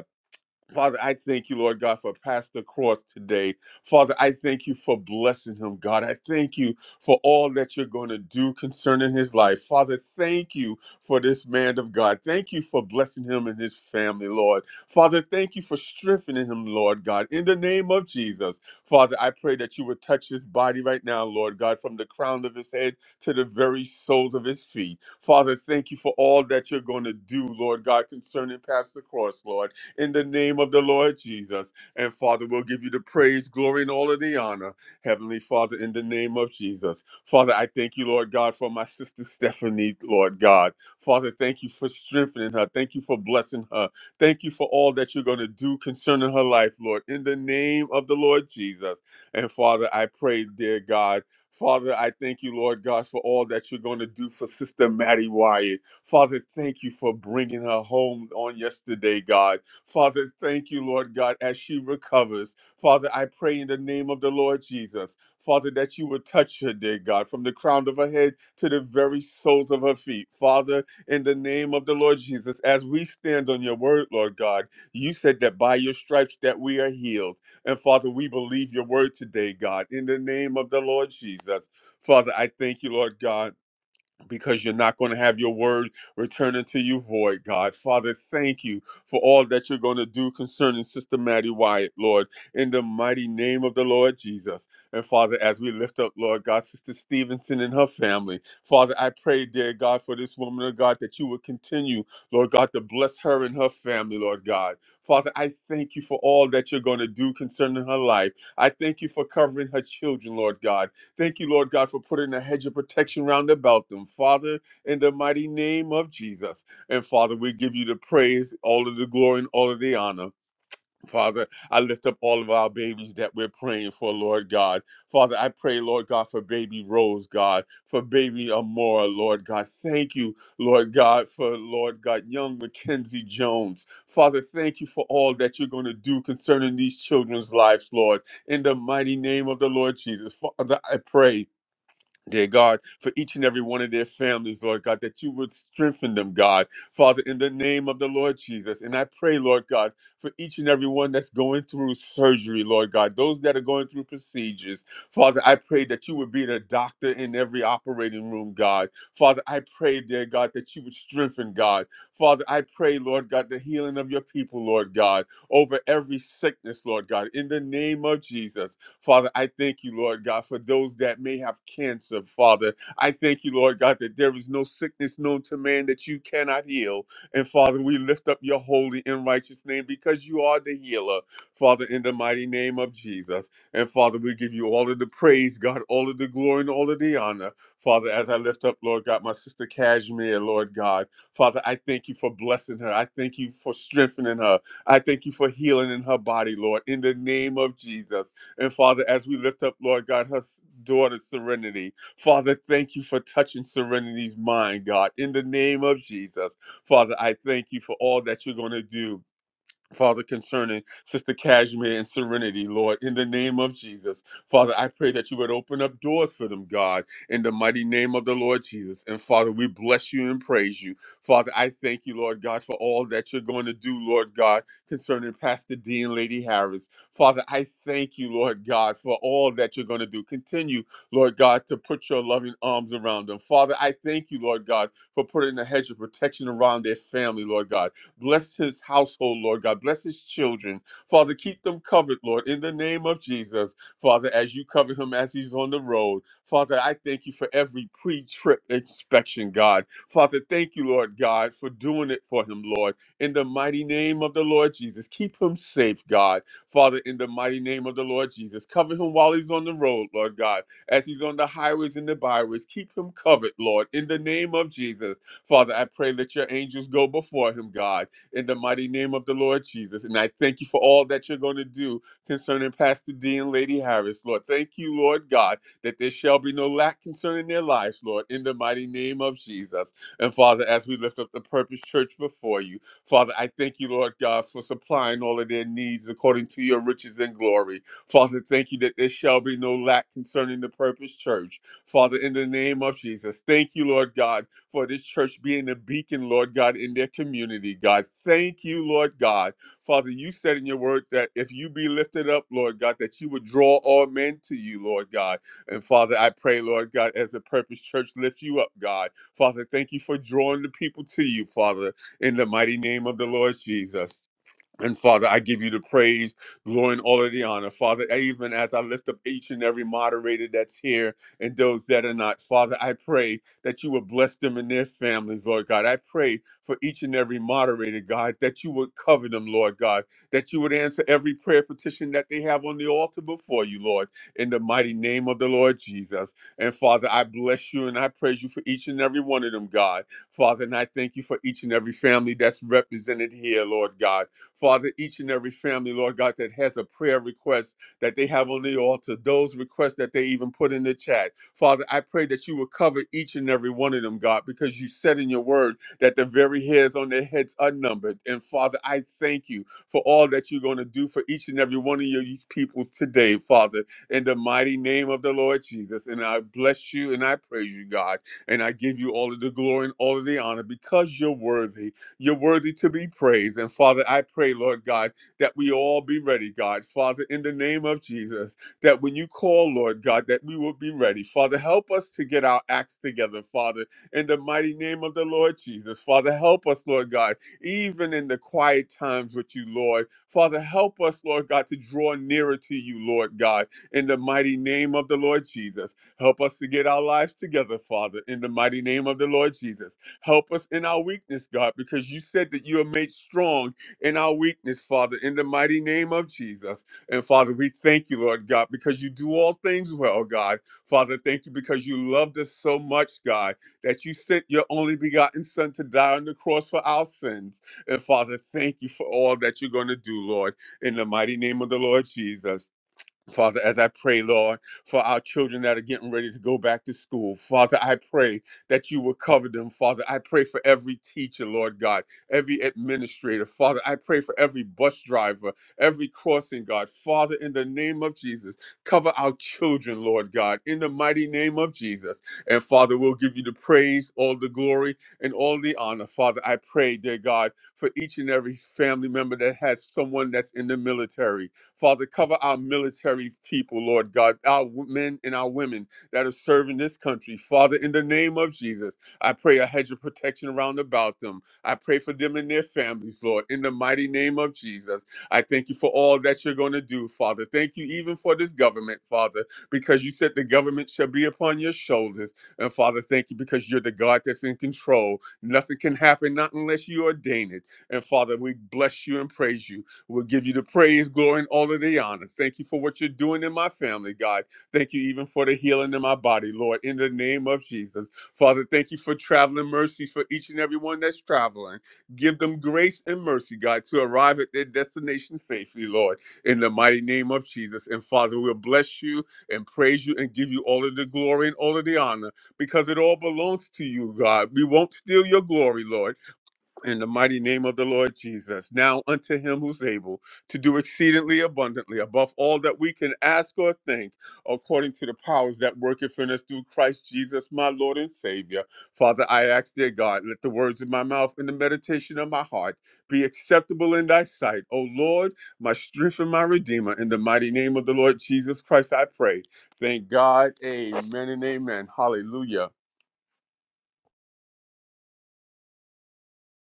Speaker 1: Father, I thank you, Lord God, for Pastor Cross today. Father, I thank you for blessing him, God. I thank you for all that you're going to do concerning his life. Father, thank you for this man of God. Thank you for blessing him and his family, Lord. Father, thank you for strengthening him, Lord God. In the name of Jesus, Father, I pray that you would touch his body right now, Lord God, from the crown of his head to the very soles of his feet. Father, thank you for all that you're going to do, Lord God, concerning Pastor Cross, Lord in the name of the Lord Jesus. And Father, we'll give you the praise, glory, and all of the honor. Heavenly Father, in the name of Jesus. Father, I thank you, Lord God, for my sister Stephanie, Lord God. Father, thank you for strengthening her. Thank you for blessing her. Thank you for all that you're going to do concerning her life, Lord, in the name of the Lord Jesus. And Father, I pray, dear God, Father, I thank you, Lord God, for all that you're going to do for Sister Maddie Wyatt. Father, thank you for bringing her home on yesterday, God. Father, thank you, Lord God, as she recovers. Father, I pray in the name of the Lord Jesus, Father, that you would touch her, dear God, from the crown of her head to the very soles of her feet. Father, in the name of the Lord Jesus, as we stand on your word, Lord God, you said that by your stripes that we are healed. And Father, we believe your word today, God, in the name of the Lord Jesus. Father, I thank you, Lord God because you're not going to have your word return unto you void, God. Father, thank you for all that you're going to do concerning Sister Maddie Wyatt, Lord, in the mighty name of the Lord Jesus. And Father, as we lift up, Lord God, Sister Stevenson and her family, Father, I pray, dear God, for this woman of God that you would continue, Lord God, to bless her and her family, Lord God. Father, I thank you for all that you're going to do concerning her life. I thank you for covering her children, Lord God. Thank you, Lord God, for putting a hedge of protection round about them, Father, in the mighty name of Jesus. And Father, we give you the praise, all of the glory, and all of the honor. Father, I lift up all of our babies that we're praying for, Lord God. Father, I pray, Lord God, for baby Rose, God, for baby Amora, Lord God. Thank you, Lord God, for Lord God, young Mackenzie Jones. Father, thank you for all that you're going to do concerning these children's lives, Lord. In the mighty name of the Lord Jesus, Father, I pray Dear God, for each and every one of their families, Lord God, that you would strengthen them, God, Father, in the name of the Lord Jesus. And I pray, Lord God, for each and every one that's going through surgery, Lord God, those that are going through procedures, Father, I pray that you would be the doctor in every operating room, God. Father, I pray, dear God, that you would strengthen, God. Father, I pray, Lord God, the healing of your people, Lord God, over every sickness, Lord God, in the name of Jesus. Father, I thank you, Lord God, for those that may have cancer, Father. I thank you, Lord God, that there is no sickness known to man that you cannot heal. And Father, we lift up your holy and righteous name because you are the healer, Father, in the mighty name of Jesus. And Father, we give you all of the praise, God, all of the glory and all of the honor. Father, as I lift up, Lord God, my sister Kashmir, Lord God. Father, I thank you for blessing her. I thank you for strengthening her. I thank you for healing in her body, Lord, in the name of Jesus. And Father, as we lift up, Lord God, her s- daughter Serenity, Father, thank you for touching Serenity's mind, God. In the name of Jesus, Father, I thank you for all that you're going to do. Father, concerning Sister Cashmere and Serenity, Lord, in the name of Jesus. Father, I pray that you would open up doors for them, God, in the mighty name of the Lord Jesus. And Father, we bless you and praise you. Father, I thank you, Lord God, for all that you're going to do, Lord God, concerning Pastor D and Lady Harris. Father, I thank you, Lord God, for all that you're going to do. Continue, Lord God, to put your loving arms around them. Father, I thank you, Lord God, for putting a hedge of protection around their family, Lord God. Bless his household, Lord God. Bless his children. Father, keep them covered, Lord, in the name of Jesus. Father, as you cover him as he's on the road. Father, I thank you for every pre trip inspection, God. Father, thank you, Lord God, for doing it for him, Lord. In the mighty name of the Lord Jesus, keep him safe, God. Father, in the mighty name of the Lord Jesus, cover him while he's on the road, Lord God, as he's on the highways and the byways. Keep him covered, Lord, in the name of Jesus. Father, I pray that your angels go before him, God in the mighty name of the Lord Jesus. And I thank you for all that you're going to do concerning Pastor D and Lady Harris, Lord. Thank you, Lord God, that there shall be no lack concerning their lives, Lord, in the mighty name of Jesus. And Father, as we lift up the Purpose Church before you, Father, I thank you, Lord God, for supplying all of their needs according to your riches and glory. Father, thank you that there shall be no lack concerning the Purpose Church. Father, in the name of Jesus, thank you, Lord God for this church being a beacon, Lord God, in their community, God. Thank you, Lord God. Father, you said in your word that if you be lifted up, Lord God, that you would draw all men to you, Lord God. And Father, I pray, Lord God, as the Purpose Church lifts you up, God. Father, thank you for drawing the people to you, Father, in the mighty name of the Lord Jesus. And Father, I give you the praise, glory, and all of the honor. Father, even as I lift up each and every moderator that's here and those that are not, Father, I pray that you would bless them and their families, Lord God. I pray for each and every moderator, God, that you would cover them, Lord God, that you would answer every prayer petition that they have on the altar before you, Lord, in the mighty name of the Lord Jesus. And Father, I bless you and I praise you for each and every one of them, God. Father, and I thank you for each and every family that's represented here, Lord God. Father, each and every family, Lord God, that has a prayer request that they have on the altar, those requests that they even put in the chat. Father, I pray that you will cover each and every one of them, God, because you said in your word that the very hairs on their heads are numbered. And Father, I thank you for all that you're going to do for each and every one of your these people today, Father, in the mighty name of the Lord Jesus. And I bless you and I praise you, God. And I give you all of the glory and all of the honor because you're worthy you're worthy to be praised. And Father, I pray, Lord God, that we all be ready, God. Father, in the name of Jesus, that when you call, Lord God, that we will be ready. Father, help us to get our acts together, Father, in the mighty name of the Lord Jesus. Father, help us, Lord God, even in the quiet times with you, Lord. Father, help us, Lord God, to draw nearer to you, Lord God, in the mighty name of the Lord Jesus. Help us to get our lives together, Father, in the mighty name of the Lord Jesus. Help us in our weakness, God, because you said that you are made strong in our weakness, Father, in the mighty name of Jesus. And Father, we thank you, Lord God, because you do all things well, God. Father, thank you because you loved us so much, God, that you sent your only begotten Son to die on the cross for our sins. And Father, thank you for all that you're going to do, Lord, in the mighty name of the Lord Jesus. Father, as I pray, Lord, for our children that are getting ready to go back to school, Father, I pray that you will cover them. Father, I pray for every teacher, Lord God, every administrator. Father, I pray for every bus driver, every crossing guard. Father, in the name of Jesus, cover our children, Lord God, in the mighty name of Jesus. And Father, we'll give you the praise, all the glory, and all the honor. Father, I pray, dear God, for each and every family member that has someone that's in the military. Father, cover our military people, Lord God, our w- men and our women that are serving this country. Father, in the name of Jesus, I pray a hedge of protection around about them. I pray for them and their families, Lord, in the mighty name of Jesus. I thank you for all that you're going to do, Father. Thank you even for this government, Father, because you said the government shall be upon your shoulders. And Father, thank you because you're the God that's in control. Nothing can happen, not unless you ordain it. And Father, we bless you and praise you. We'll give you the praise, glory, and all of the honor. Thank you for what you're doing in my family, God. Thank you even for the healing in my body, Lord, in the name of Jesus. Father, thank you for traveling mercy for each and every one that's traveling. Give them grace and mercy, God, to arrive at their destination safely, Lord, in the mighty name of Jesus. And Father, we'll bless you and praise you and give you all of the glory and all of the honor because it all belongs to you, God. We won't steal your glory, Lord in the mighty name of the Lord Jesus. Now unto him who's able to do exceedingly abundantly above all that we can ask or think, according to the powers that worketh in us through Christ Jesus, my Lord and Savior. Father, I ask, dear God, let the words of my mouth and the meditation of my heart be acceptable in thy sight. O Lord, my strength and my redeemer, in the mighty name of the Lord Jesus Christ, I pray. Thank God. Amen and amen. Hallelujah.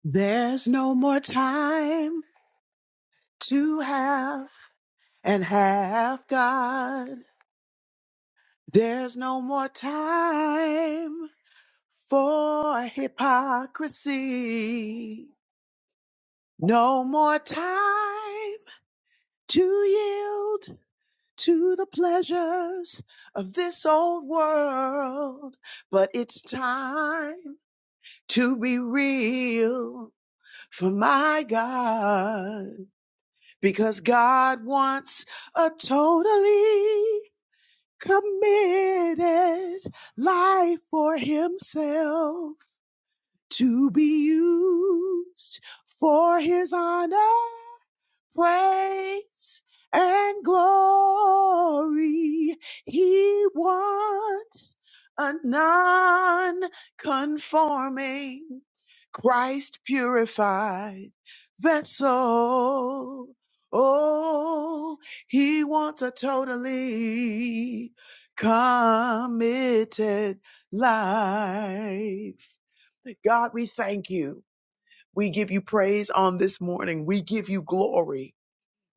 Speaker 5: There's no more time to have and have God. There's no more time for hypocrisy. No more time to yield to the pleasures of this old world. But it's time to be real for my God. because God wants a totally committed life for Himself to be used for His honor praise and glory. He wants a non-conforming, Christ purified vessel. Oh, he wants a totally committed life. God, we thank you. We give you praise on this morning. We give you glory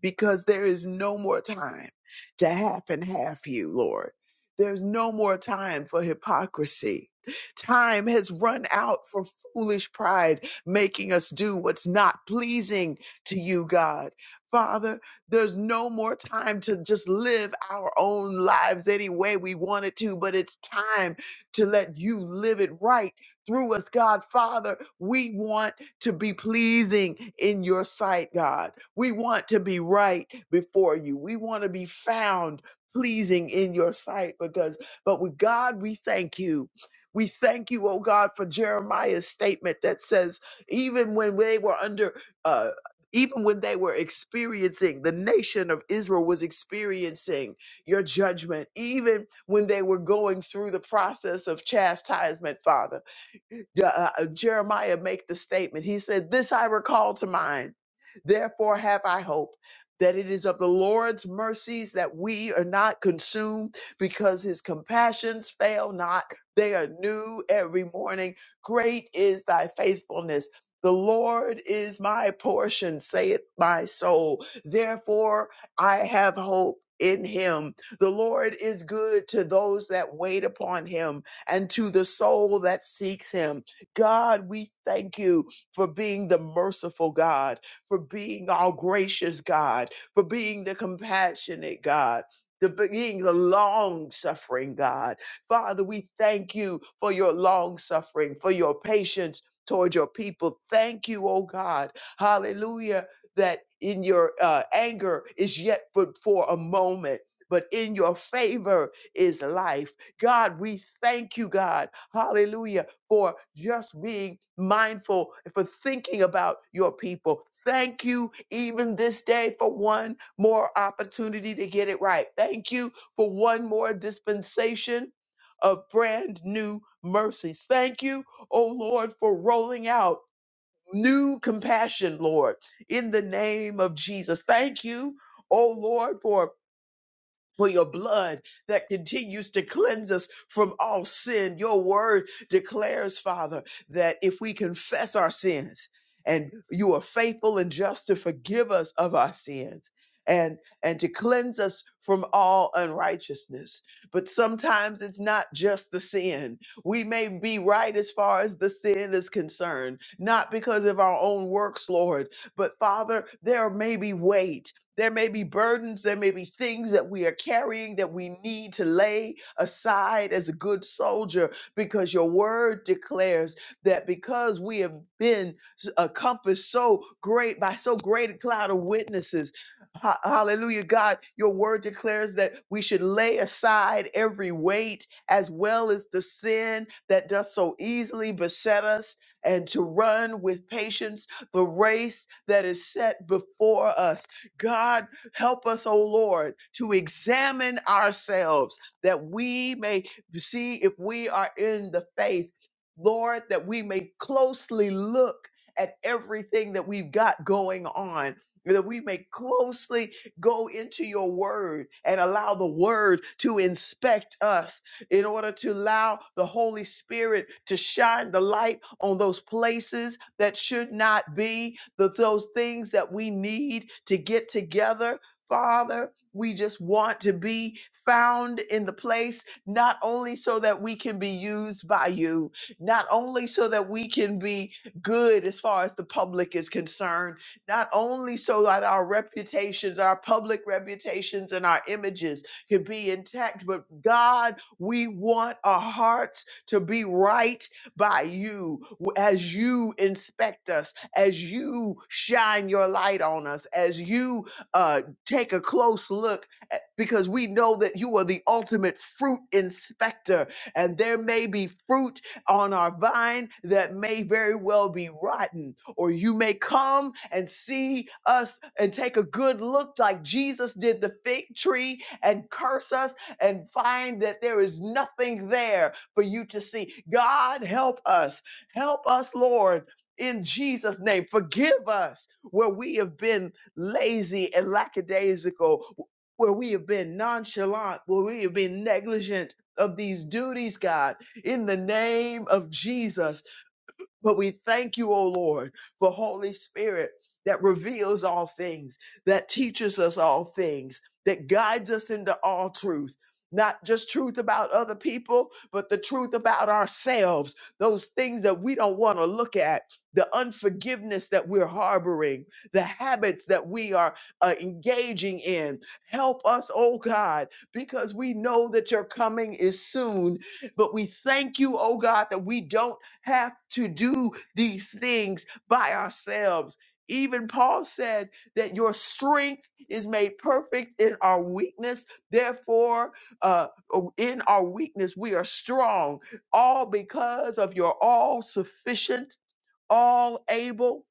Speaker 5: because there is no more time to half and half you, Lord. There's no more time for hypocrisy. Time has run out for foolish pride, making us do what's not pleasing to you, God. Father, there's no more time to just live our own lives any way we wanted to, but it's time to let you live it right through us, God. Father, we want to be pleasing in your sight, God. We want to be right before you. We want to be found pleasing in your sight because, but with God, we thank you. We thank you, oh God, for Jeremiah's statement that says, even when they were under, uh, even when they were experiencing, the nation of Israel was experiencing your judgment, even when they were going through the process of chastisement, Father. Je- uh, uh, Jeremiah make the statement. He said, "This I recall to mind. Therefore have I hope that it is of the Lord's mercies that we are not consumed, because His compassions fail not. They are new every morning. Great is Thy faithfulness." The Lord is my portion, saith my soul. Therefore, I have hope in him. The Lord is good to those that wait upon him and to the soul that seeks him. God, we thank you for being the merciful God, for being our gracious God, for being the compassionate God. The being the long suffering God. Father, we thank you for your long suffering, for your patience toward your people. Thank you, oh God. Hallelujah. That in your uh, anger is yet but for a moment, but in your favor is life. God, we thank you, God. Hallelujah for just being mindful, for thinking about your people. Thank you, even this day, for one more opportunity to get it right. Thank you for one more dispensation of brand new mercies. Thank you, oh Lord, for rolling out new compassion, Lord, in the name of Jesus. Thank you, oh Lord, for for your blood that continues to cleanse us from all sin. Your word declares, Father, that if we confess our sins, and you are faithful and just to forgive us of our sins and and to cleanse us from all unrighteousness but sometimes it's not just the sin we may be right as far as the sin is concerned not because of our own works lord but father there may be weight there may be burdens, there may be things that we are carrying that we need to lay aside as a good soldier because your word declares that because we have been encompassed so great by so great a cloud of witnesses, ha- hallelujah, God, your word declares that we should lay aside every weight as well as the sin that doth so easily beset us and to run with patience the race that is set before us God, help us, O Lord, to examine ourselves that we may see if we are in the faith. Lord, that we may closely look at everything that we've got going on. That we may closely go into your word and allow the word to inspect us in order to allow the Holy Spirit to shine the light on those places that should not be, the, those things that we need to get together. Father, we just want to be found in the place, not only so that we can be used by you, not only so that we can be good as far as the public is concerned, not only so that our reputations, our public reputations, and our images could be intact, but God we want our hearts to be right by you as you inspect us, as you shine your light on us, as you uh, take a close look, at- because we know that you are the ultimate fruit inspector. And there may be fruit on our vine that may very well be rotten. Or you may come and see us and take a good look like Jesus did the fig tree and curse us and find that there is nothing there for you to see. God, help us. Help us, Lord. In Jesus' name, forgive us where we have been lazy and lackadaisical, where we have been nonchalant, where we have been negligent of these duties, God, in the name of Jesus. But we thank you, O Lord, for Holy Spirit that reveals all things, that teaches us all things, that guides us into all truth. Not just truth about other people, but the truth about ourselves, those things that we don't want to look at, the unforgiveness that we're harboring, the habits that we are uh, engaging in. Help us, oh God, because we know that your coming is soon. But we thank you, oh God, that we don't have to do these things by ourselves. Even Paul said that your strength is made perfect in our weakness. Therefore, uh, oh, in our weakness, we are strong, all because of your all sufficient, all able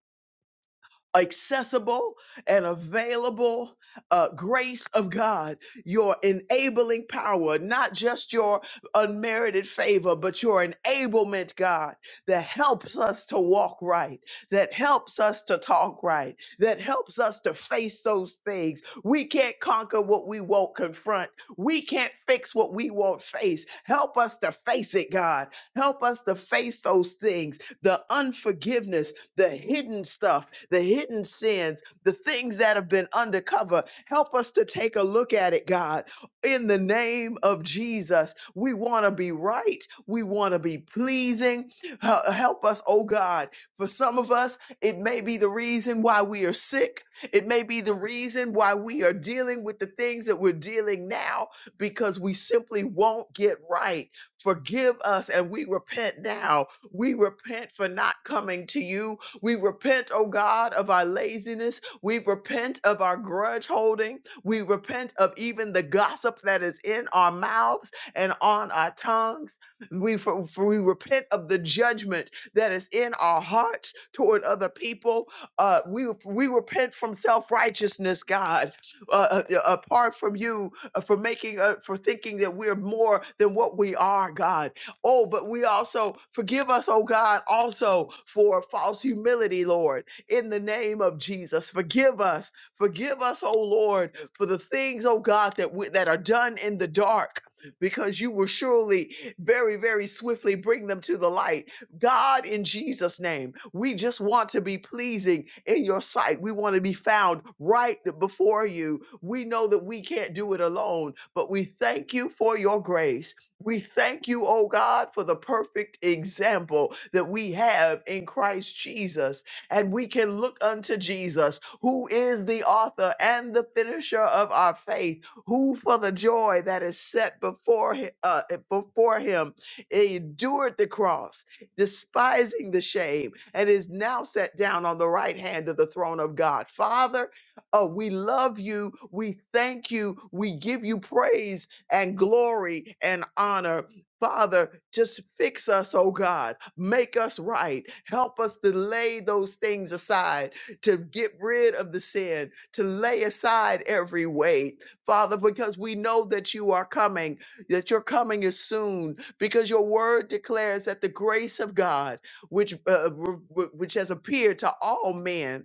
Speaker 5: accessible and available uh, grace of God, your enabling power, not just your unmerited favor, but your enablement, God, that helps us to walk right, that helps us to talk right, that helps us to face those things. We can't conquer what we won't confront. We can't fix what we won't face. Help us to face it, God. Help us to face those things, the unforgiveness the hidden stuff, the hidden sins, the things that have been undercover. Help us to take a look at it, God. In the name of Jesus, we want to be right. We want to be pleasing. Hel- Help us, oh God. For some of us, it may be the reason why we are sick. It may be the reason why we are dealing with the things that we're dealing now because we simply won't get right. Forgive us and we repent now. We repent for not coming to you we repent, oh God, of our laziness. We repent of our grudge holding. We repent of even the gossip that is in our mouths and on our tongues. We, for, for we repent of the judgment that is in our hearts toward other people. Uh, we, we repent from self righteousness, God, uh, uh, apart from you, uh, for making, uh, for thinking that we're more than what we are, God. Oh, but we also forgive us, oh God, also for false humility, Lord, in the name of Jesus. Forgive us. Forgive us, oh Lord, for the things, oh God, that we, that are done in the dark. Because you will surely very, very swiftly bring them to the light. God, in Jesus' name, we just want to be pleasing in your sight. We want to be found right before you we know that we can't do it alone, but we thank you for your grace. We thank you, oh God, for the perfect example that we have in Christ Jesus. And we can look unto Jesus, who is the author and the finisher of our faith, who for the joy that is set before him, uh, before him endured the cross, despising the shame, and is now set down on the right hand of the throne of God. Father, Oh, we love you. We thank you. We give you praise and glory and honor. Father, just fix us, oh God. Make us right. Help us to lay those things aside, to get rid of the sin, to lay aside every weight. Father, because we know that you are coming, that your coming is soon, because your word declares that the grace of God, which, uh, w- w- which has appeared to all men,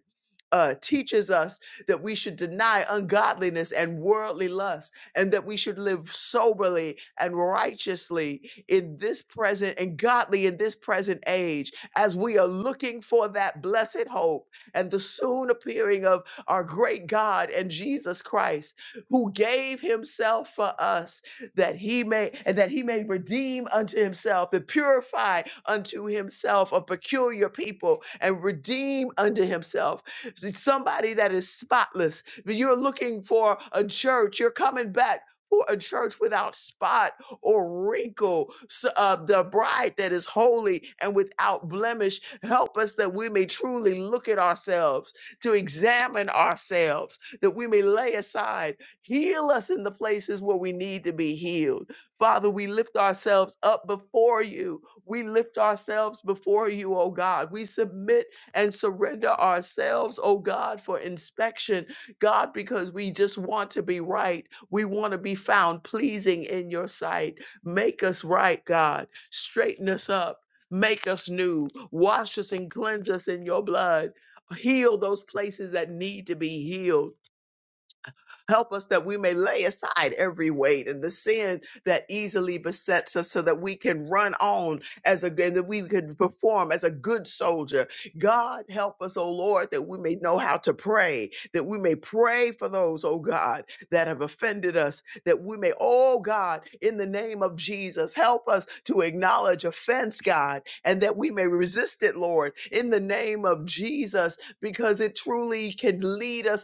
Speaker 5: uh, teaches us that we should deny ungodliness and worldly lust, and that we should live soberly and righteously in this present and godly in this present age as we are looking for that blessed hope and the soon appearing of our great God and Jesus Christ, who gave himself for us that he may and that he may redeem unto himself and purify unto himself a peculiar people and redeem unto himself somebody that is spotless. You're looking for a church. You're coming back for a church without spot or wrinkle, so, uh, the bride that is holy and without blemish. Help us that we may truly look at ourselves, to examine ourselves, that we may lay aside. Heal us in the places where we need to be healed. Father, we lift ourselves up before you. We lift ourselves before you, oh God. We submit and surrender ourselves, oh God, for inspection, God, because we just want to be right. We want to be found pleasing in your sight. Make us right, God. Straighten us up. Make us new. Wash us and cleanse us in your blood. Heal those places that need to be healed Help us that we may lay aside every weight and the sin that easily besets us so that we can run on as a and that we can perform as a good soldier. God help us, oh Lord, that we may know how to pray, that we may pray for those, oh God, that have offended us, that we may, oh God, in the name of Jesus, help us to acknowledge offense, God, and that we may resist it, Lord, in the name of Jesus, because it truly can lead us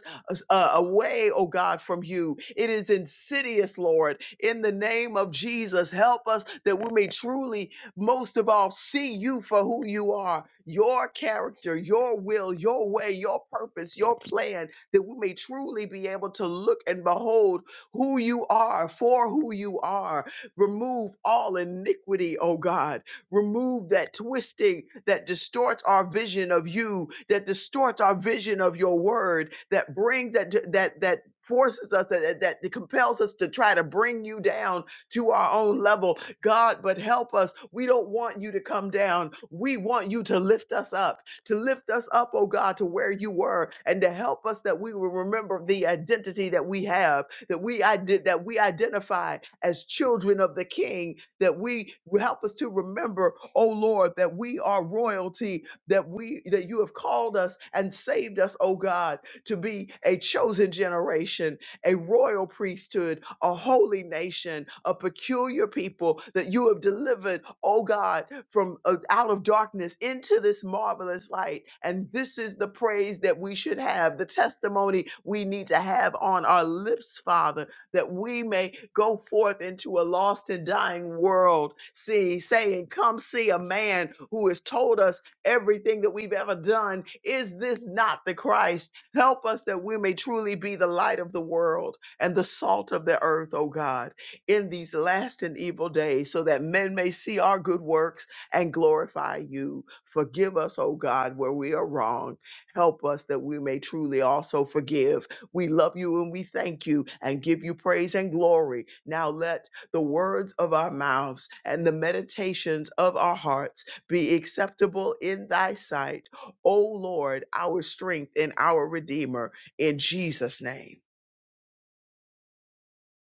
Speaker 5: uh, away, oh God, from you. It is insidious, Lord. In the name of Jesus, help us that we may truly, most of all, see you for who you are, your character, your will, your way, your purpose, your plan, that we may truly be able to look and behold who you are, for who you are. Remove all iniquity, oh God Remove that twisting that distorts our vision of you, that distorts our vision of your word, that brings that that that forces us that that compels us to try to bring you down to our own level. God, but help us. We don't want you to come down. We want you to lift us up, to lift us up, oh God, to where you were, and to help us that we will remember the identity that we have, that we I did that we identify as children of the King, that we help us to remember, oh Lord, that we are royalty, that we that you have called us and saved us, oh God, to be a chosen generation, a royal priesthood, a holy nation, a peculiar people that you have delivered, oh God, from uh, out of darkness into this marvelous light. And this is the praise that we should have, the testimony we need to have on our lips, Father that we may go forth into a lost and dying world, see, saying, Come see a man who has told us everything that we've ever done. Is this not the Christ? Help us that we may truly be the light of the world and the salt of the earth, O God, in these last and evil days, so that men may see our good works and glorify you. Forgive us, O God, where we are wrong. Help us that we may truly also forgive we love you and we thank you and give you praise and glory. Now let the words of our mouths and the meditations of our hearts be acceptable in thy sight, O Lord, our strength and our Redeemer, in Jesus' name.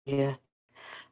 Speaker 2: Yeah.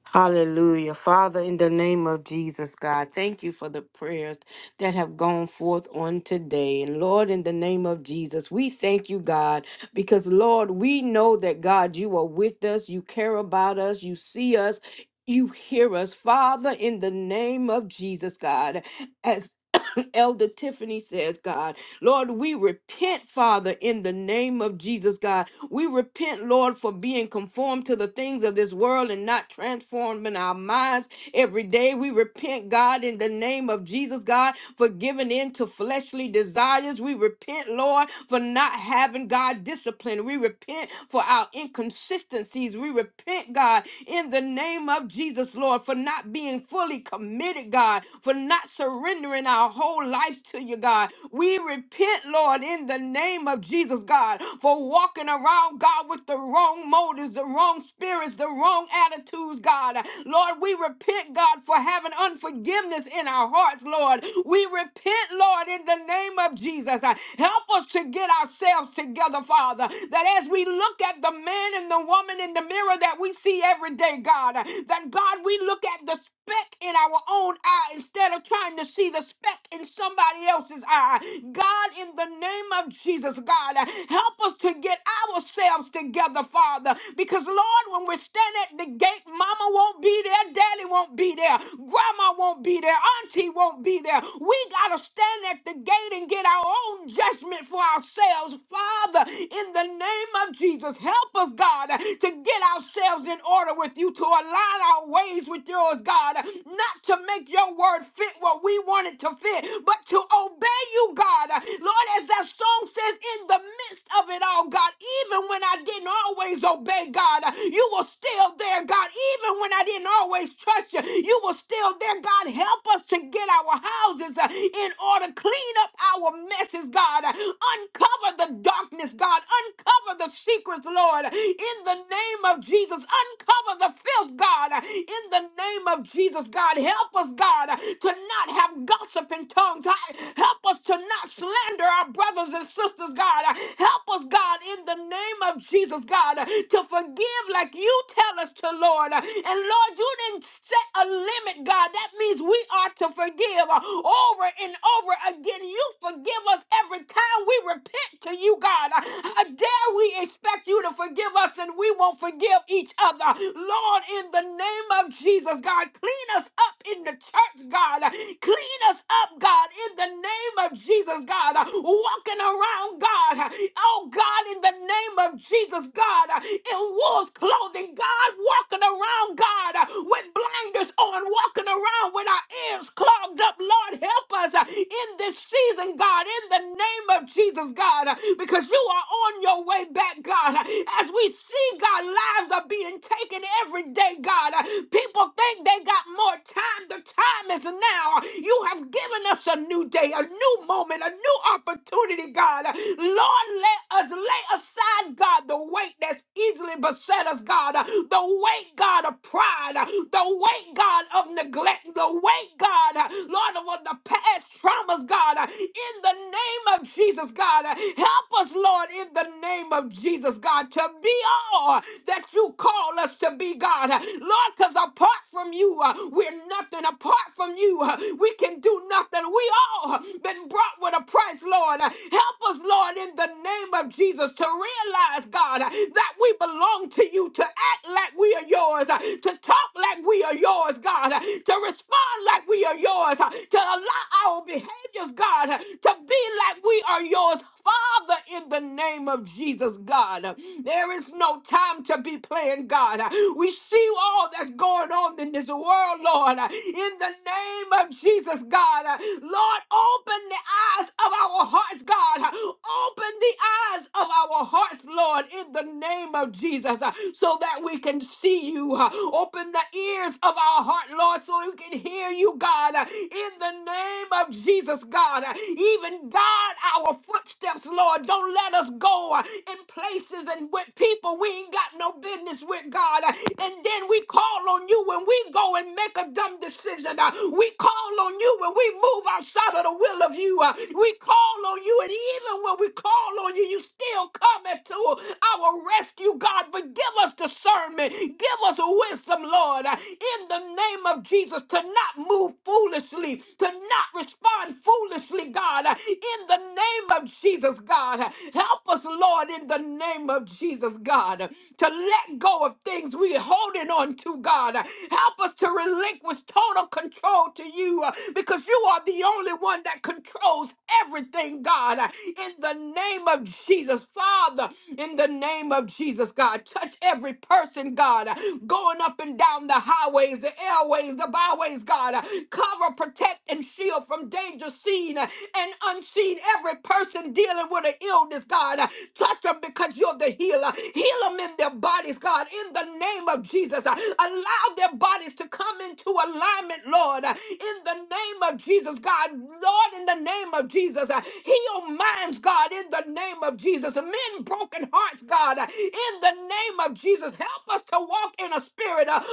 Speaker 2: Hallelujah. Father, in the name of Jesus, God, thank you for the prayers that have gone forth on today. And Lord, in the name of Jesus, we thank you, God, Because, Lord, we know that, God, you are with us, you care about us, you see us, you hear us. Father, in the name of Jesus, God, as Elder Tiffany says, God, Lord, we repent, Father, in the name of Jesus, God. We repent, Lord, for being conformed to the things of this world and not transformed in our minds every day. We repent, God, in the name of Jesus, God, for giving in to fleshly desires. We repent, Lord, for not having, God. God, discipline. We repent for our inconsistencies. We repent, God, in the name of Jesus, Lord, for not being fully committed, God, for not surrendering our whole life to you, God. We repent, Lord, in the name of Jesus, God, for walking around, God, with the wrong motives, the wrong spirits, the wrong attitudes, God. Lord, we repent, God, for having unforgiveness in our hearts, Lord. We repent, Lord, in the name of Jesus. Help us to get ourselves ourselves together, Father, that as we look at the man and the woman in the mirror that we see every day, God, that God, we look at the speck in our own eye instead of trying to see the speck in somebody else's eye. God, in the name of Jesus, God, help us to get ourselves together, Father, because Lord, when we stand at the gate, Mama won't be there, Daddy won't be there, Grandma won't be there, Auntie won't be there. We gotta stand at the gate and get our own judgment for ourselves ourselves, Father, in the name of Jesus. Help us, God, to get ourselves in order with you, to align our ways with yours, God, not to make your word fit what we want it to fit, but to obey you, God. Lord, as that song says, in the midst of it all, God, even when I didn't always obey, God, you were still there, God. Even when I didn't always trust you, you were still there, God. Help us to get our houses uh, in order, clean up our messes, God Uncover the darkness, God. Uncover the secrets, Lord. In the name of Jesus, uncover the filth, God. In the name of Jesus, God. Help us, God, to not have gossiping tongues. Help us to not slander our brothers and sisters, God. Help us, God, in the name of Jesus, God, to forgive like you tell us to, Lord. And Lord, you didn't set a limit, God. That means we are to forgive over and over again. You forgive us every time dare we repent to you, God? How dare we expect you to forgive us and we won't forgive each other? Lord, in the name of Jesus, God, clean us up in the church, God. Clean us up, God, in the name of Jesus, God. Walking around, God. Oh, God, in the name of Jesus, God. In wolf's clothing, God. Walking around, God, with blinders on. Walking around with our ears clogged up, Lord. Help us in this season, God, in the name name of Jesus, God, because you are on your way back, God. As we see, God, lives are being taken every day, God. People think they got more time. The time is now. You have given us a new day, a new moment, a new opportunity, God. Lord, let us lay aside, God, the weight that's easily beset us, God. The weight, God, of pride. The weight, God, of neglect. The weight, God, Lord, of all the past traumas, God. In the name name of Jesus, God. Help us, Lord, in the name of Jesus, God, to be all that you call us to be, God. Lord, because apart from you, uh, we're nothing. Apart from you, uh, we can do nothing. We all been brought with a price, Lord. Help us, Lord, in the name of Jesus, to realize, God, that we belong to you, to act like we are yours, uh, to talk like we are yours, God, uh, to respond like we are yours, uh, to allow our behaviors, God, uh, to to be like we are yours. Father, in the name of Jesus, God, there is no time to be playing, God. We see all that's going on in this world, Lord. In the name of Jesus, God, Lord, open the eyes of our hearts, God. Open the eyes of our hearts, Lord, in the name of Jesus, so that we can see you. Open the ears of our heart, Lord, so we can hear you, God, in the name of Jesus, God even guard our footsteps, Lord. Don't let us go uh, in places and with people we ain't got no business with, God. Uh, And then we call on you when we go and make a dumb decision. Uh, We call on you when we move outside of the will of you. Uh, We call on you, and even when we call on you, you still come to our rescue, God. But give us discernment, give us wisdom, Lord, uh, in the name of Jesus, to not move foolishly, to not respond foolishly fearlessly, God, in the name of Jesus, God. Help us, Lord, in the name of Jesus, God, to let go of things we're holding on to, God. Help us to relinquish total control to you uh, because you are the only one that controls everything, God. In the name of Jesus, Father, in the name of Jesus, God, touch every person, God, going up and down the highways, the airways, the byways, God. Cover, protect, and shield from danger the seen and unseen. Every person dealing with an illness, God, touch them because you're the healer. Heal them in their bodies, God, in the name of Jesus. Allow their bodies to come into alignment, Lord, in the name of Jesus, God. Lord, in the name of Jesus, heal minds, God, in the name of Jesus. Men broken hearts, God, in the name of Jesus. Help us to walk in a spirit of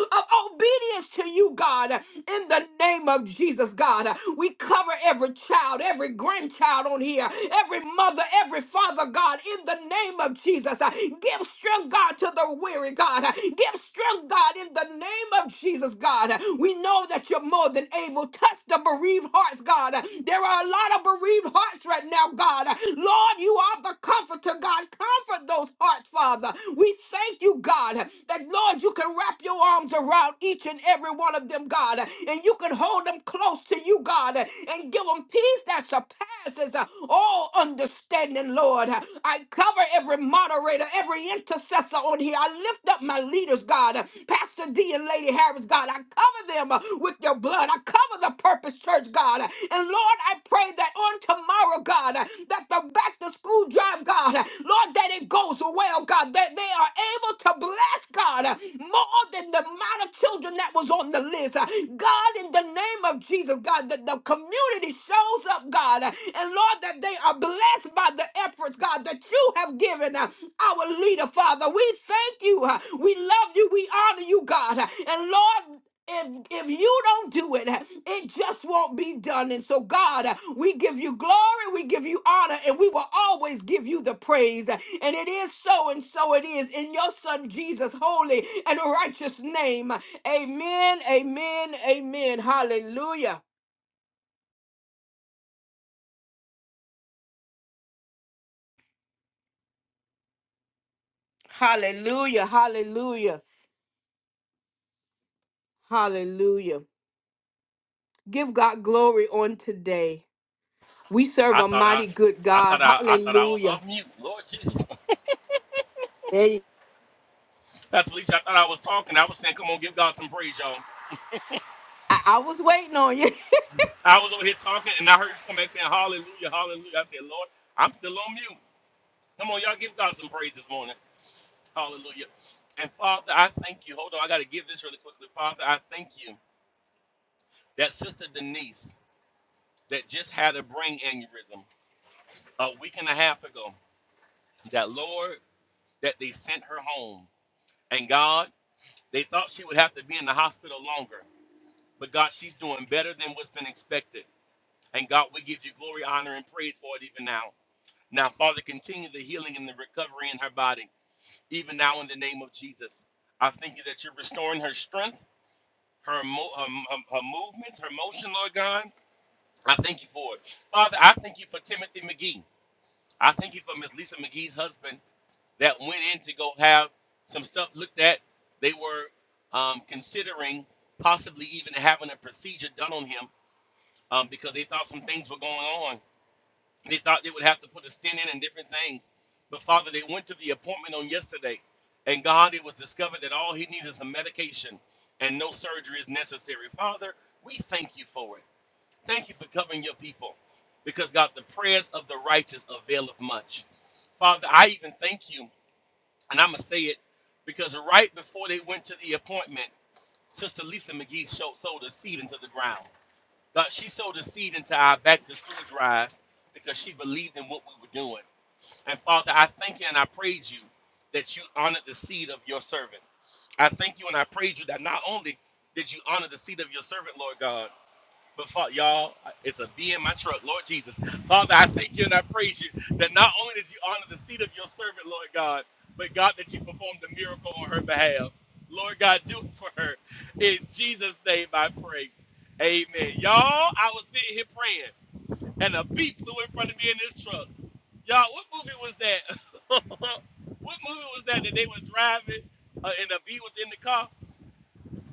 Speaker 2: obedience to you, God, in the name of Jesus, God. We cover Cover every child, every grandchild on here, every mother, every father, God, in the name of Jesus. Uh, Give strength, God, to the weary, God. Uh, Give strength, God, in the name of Jesus, God. Uh, We know that you're more than able. Touch the bereaved hearts, God. Uh, There are a lot of bereaved hearts right now, God. Uh, Lord, you are the comforter, God. Comfort those hearts, Father. We thank you, God, that Lord, you can wrap your arms around each and every one of them, God, and you can hold them close to you, God, and give them peace that surpasses uh, all understanding, Lord. I cover every moderator, every intercessor on here. I lift up my leaders, God, Pastor D and Lady Harris, God. I cover them uh, with your blood. I cover the Purpose Church, God. And Lord, I pray that on tomorrow, God, that the back to school drive, God, Lord, that it goes well, God, that they are able to bless, God, more than the amount of children that was on the list. God, in the name of Jesus, God, that the community shows up, God, and Lord, that they are blessed by the efforts, God, that you have given uh, our leader, Father. We thank you. uh, We love you. We honor you, God. And Lord, if if you don't do it, it just won't be done. And so, God, we give you glory, we give you honor, and we will always give you the praise. And it is so, and so it is in your Son Jesus' holy and righteous name. Amen. Amen. Amen. Hallelujah. Hallelujah. Hallelujah. Hallelujah. Give God glory on today. We serve
Speaker 4: I
Speaker 2: a
Speaker 4: thought I,
Speaker 2: mighty good
Speaker 4: I
Speaker 2: God.
Speaker 4: thought I, I thought I was
Speaker 2: Hallelujah.
Speaker 4: off mute. Lord Jesus,
Speaker 2: There you-
Speaker 4: Pastor Felicia, I thought I was talking. I was saying, come on, give God some praise, y'all.
Speaker 2: I, I was waiting on you.
Speaker 4: I was over here talking, and I heard you come back saying hallelujah, hallelujah. I said, Lord, I'm still on mute. Come on, y'all give God some praise this morning. Hallelujah. And Father, I thank you. Hold on, I got to give this really quickly. Father, I thank you that Sister Denise that just had a brain aneurysm a week and a half ago, that Lord, that they sent her home. And God, they thought she would have to be in the hospital longer. But God, she's doing better than what's been expected. And God, we give you glory, honor, and praise for it even now. Now, Father, continue the healing and the recovery in her body, even now in the name of Jesus. I thank you that you're restoring her strength, her, mo- her, her, her movements, her motion, Lord God. I thank you for it. Father, I thank you for Timothy McGee. I thank you for Miss Lisa McGee's husband that went in to go have some stuff looked at. They were um, considering possibly even having a procedure done on him um, because they thought some things were going on. They thought they would have to put a stent in and different things. But Father, they went to the appointment on yesterday, and God, it was discovered that all he needs is some medication and no surgery is necessary. Father, we thank you for it. Thank you for covering your people. Because God, the prayers of the righteous availeth much. Father, I even thank you, and I'm gonna say it, because right before they went to the appointment, Sister Lisa McGee showed, sowed a seed into the ground. God, she sowed a seed into our back to school drive because she believed in what we were doing. And Father, I thank you and I praise you that you honored the seed of your servant. I thank you and I praise you that not only did you honor the seed of your servant, Lord God, but Father, y'all, it's a V in my truck, Lord Jesus. Father, I thank you and I praise you that not only did you honor the seat of your servant, Lord God, but God, that you performed the miracle on her behalf. Lord God, do it for her. In Jesus' name I pray. Amen. Y'all, I was sitting here praying, and a bee flew in front of me in this truck. Y'all, what movie was that? what movie was that that they were driving uh, and a bee was in the car?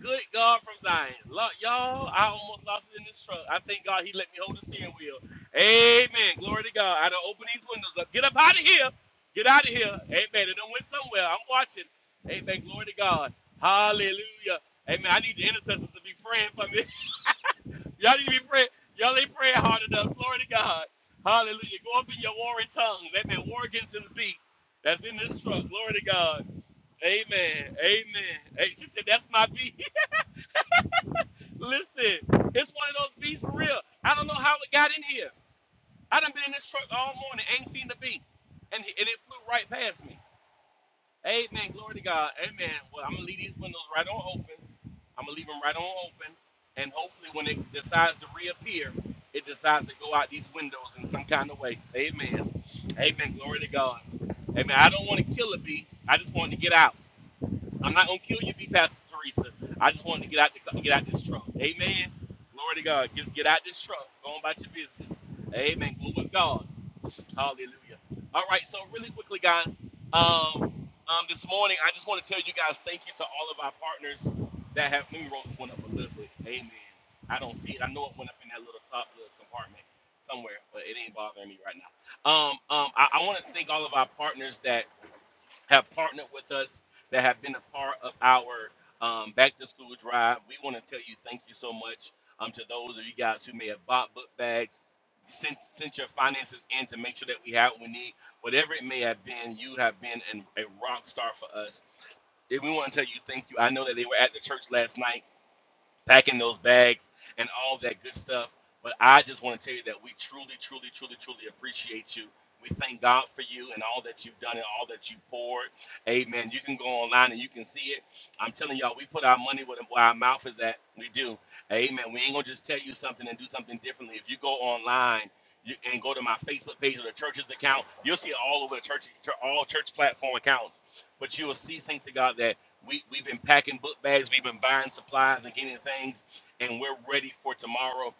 Speaker 4: Good God from Zion. Lo- y'all, I almost lost it in this truck. I thank God he let me hold the steering wheel. Amen. Glory to God. I done open these windows up. Get up out of here. Get out of here. Amen. It done went somewhere. I'm watching. Amen. Glory to God. Hallelujah. Amen. I need the intercessors to be praying for me. y'all need to be praying. Y'all ain't praying hard enough. Glory to God. Hallelujah. Go up in your warring tongues. Amen. War against this beat that's in this truck. Glory to God. Amen. Amen. Hey, she said, that's my beat. Listen, it's one of those beats for real. I don't know how it got in here. I done been in this truck all morning, ain't seen the beat, and, and it flew right past me. Amen, glory to God. Amen. Well, I'm gonna leave these windows right on open. I'm gonna leave them right on open, and hopefully, when it decides to reappear, it decides to go out these windows in some kind of way. Amen. Amen. Glory to God. Amen. I don't want to kill a bee. I just want to get out. I'm not gonna kill you, be Pastor Teresa. I just wanted to get out the get out this truck. Amen. Glory to God. Just get out this truck. Go on about your business. Amen. Glory to God. Hallelujah. All right. So really quickly, guys. Um, um, this morning I just want to tell you guys thank you to all of our partners that have. Let me roll this one up a little bit. Amen. I don't see it. I know it went up in that little top little compartment somewhere, but it ain't bothering me right now. Um, um, I, I want to thank all of our partners that have partnered with us that have been a part of our um, back to school drive. We want to tell you thank you so much um, to those of you guys who may have bought book bags, sent, sent your finances in to make sure that we have what we need. Whatever it may have been, you have been an, a rock star for us. And we want to tell you thank you. I know that they were at the church last night packing those bags and all that good stuff. But I just want to tell you that we truly, truly, truly, truly appreciate you. We thank God for you and all that you've done and all that you poured. Amen. You can go online and you can see it. I'm telling y'all, we put our money where our mouth is at. We do. Amen. We ain't going to just tell you something and do something differently. If you go online you, and go to my Facebook page or the church's account. You'll see it all over the church, all church platform accounts. But you will see, saints of God, that we, we've been packing book bags, we've been buying supplies and getting things, and we're ready for tomorrow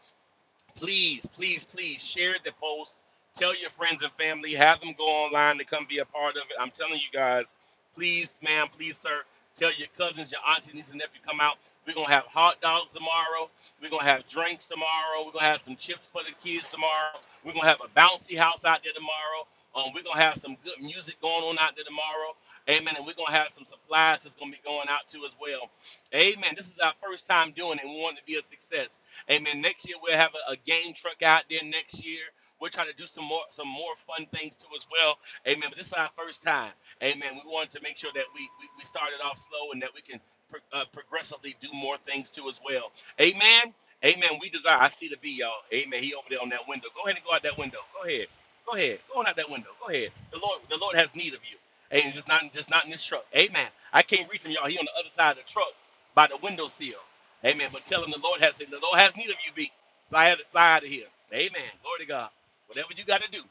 Speaker 4: please, please, please share the post. Tell your friends and family. Have them go online to come be a part of it. I'm telling you guys, please, ma'am, please, sir. Tell your cousins, your auntie, niece, and nephew come out. We're gonna have hot dogs tomorrow. We're gonna have drinks tomorrow. We're gonna have some chips for the kids tomorrow. We're gonna have a bouncy house out there tomorrow. Um, we're gonna have some good music going on out there tomorrow. Amen. And we're gonna have some supplies that's gonna be going out too as well. Amen. This is our first time doing it. We want it to be a success. Amen. Next year we'll have a, a game truck out there next year. We're trying to do some more some more fun things too as well. Amen. But this is our first time. Amen. We wanted to make sure that we we, we started off slow and that we can pro- uh, progressively do more things too as well. Amen. Amen. We desire. I see the B, y'all. Amen. He over there on that window. Go ahead and go out that window. Go ahead. Go ahead. Go on out that window. Go ahead. The Lord, the Lord has need of you. Amen. Just not just not in this truck. Amen. I can't reach him, y'all. He on the other side of the truck by the window seal. Amen. But tell him the Lord has the Lord has need of you, B. So I had to fly out of here. Amen. Glory to God. Whatever you got to do.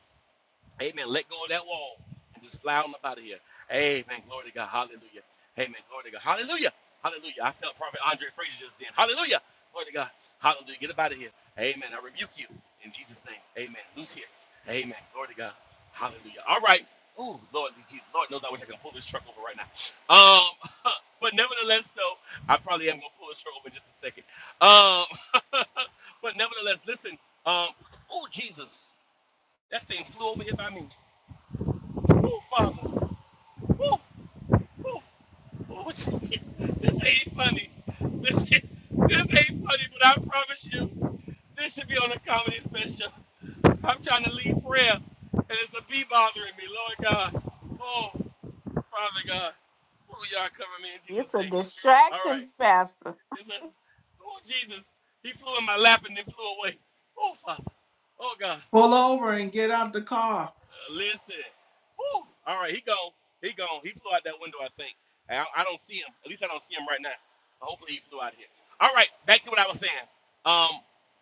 Speaker 4: Amen. Let go of that wall and just fly on up out of here. Amen. Glory to God. Hallelujah. Amen. Glory to God. Hallelujah. Hallelujah. I felt Prophet Andre Fraser just then. Hallelujah. Glory to God. Hallelujah. Get up out of here. Amen. I rebuke you in Jesus' name. Amen. Loose here. Amen. Glory to God. Hallelujah. All right. Oh Lord, Jesus, Lord knows I wish I could pull this truck over right now. Um, but nevertheless, though, I probably am gonna pull this truck over in just a second. Um, but nevertheless, listen. Um, oh Jesus, that thing flew over here by me. Oh Father. oh, woo. Oh, Jesus. This ain't funny. This, this ain't funny, but I promise you, this should be on a comedy special. I'm trying to lead prayer, and it's a bee bothering me. Lord God. Oh, Father God. Oh, y'all cover me in Jesus'
Speaker 2: It's a
Speaker 4: name. All right.
Speaker 2: distraction, Pastor.
Speaker 4: It's a, oh, Jesus. He flew in my lap and then flew away. Oh, Father. Oh, God.
Speaker 6: Pull over and get out the car.
Speaker 4: Listen. Woo. All right, he gone. He gone. He flew out that window, I think. I, I don't see him. At least I don't see him right now. Hopefully he flew out of here. All right, back to what I was saying. Um,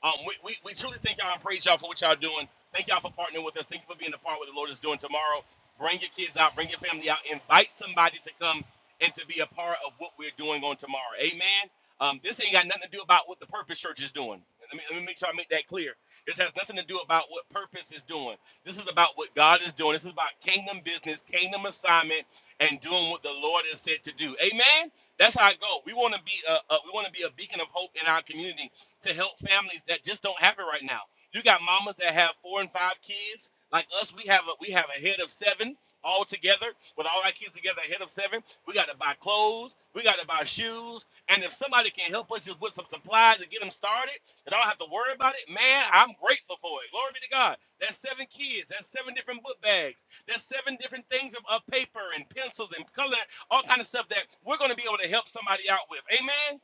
Speaker 4: um, we, we, we truly thank y'all and praise y'all for what y'all doing. Thank y'all for partnering with us. Thank you for being a part of what the Lord is doing tomorrow. Bring your kids out. Bring your family out. Invite somebody to come and to be a part of what we're doing on tomorrow. Amen. Um, this ain't got nothing to do about what the Purpose Church is doing. Let me, let me make sure I make that clear. This has nothing to do about what Purpose is doing. This is about what God is doing. This is about kingdom business, kingdom assignment, and doing what the Lord has said to do. Amen. That's how I go. We want to be a, a we want to be a beacon of hope in our community to help families that just don't have it right now. You got mamas that have four and five kids, like us. We have a we have a head of seven all together with all our kids together, a head of seven. We got to buy clothes clothes, we got to buy shoes, and if somebody can help us just with some supplies to get them started, that I don't have to worry about it, man, I'm grateful for it. Glory be to God. That's seven kids. That's seven different book bags. That's seven different things of, of paper and pencils and color, all kind of stuff that we're going to be able to help somebody out with. Amen.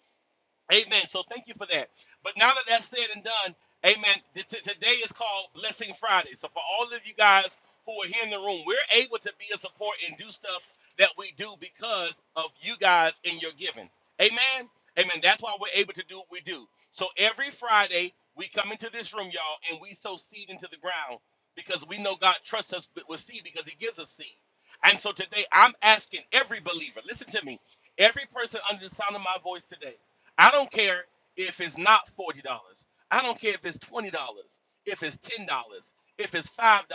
Speaker 4: Amen. So thank you for that. But now that that's said and done, amen. th- t- today is called Blessing Friday. So for all of you guys who are here in the room, we're able to be a support and do stuff that we do because of you guys and your giving. Amen. Amen. That's why we're able to do what we do. So every Friday, we come into this room, y'all, and we sow seed into the ground because we know God trusts us with with seed because He gives us seed. And so today I'm asking every believer, listen to me, every person under the sound of my voice today, I don't care if it's not $40, I don't care if it's $20, if it's $10, if it's $5,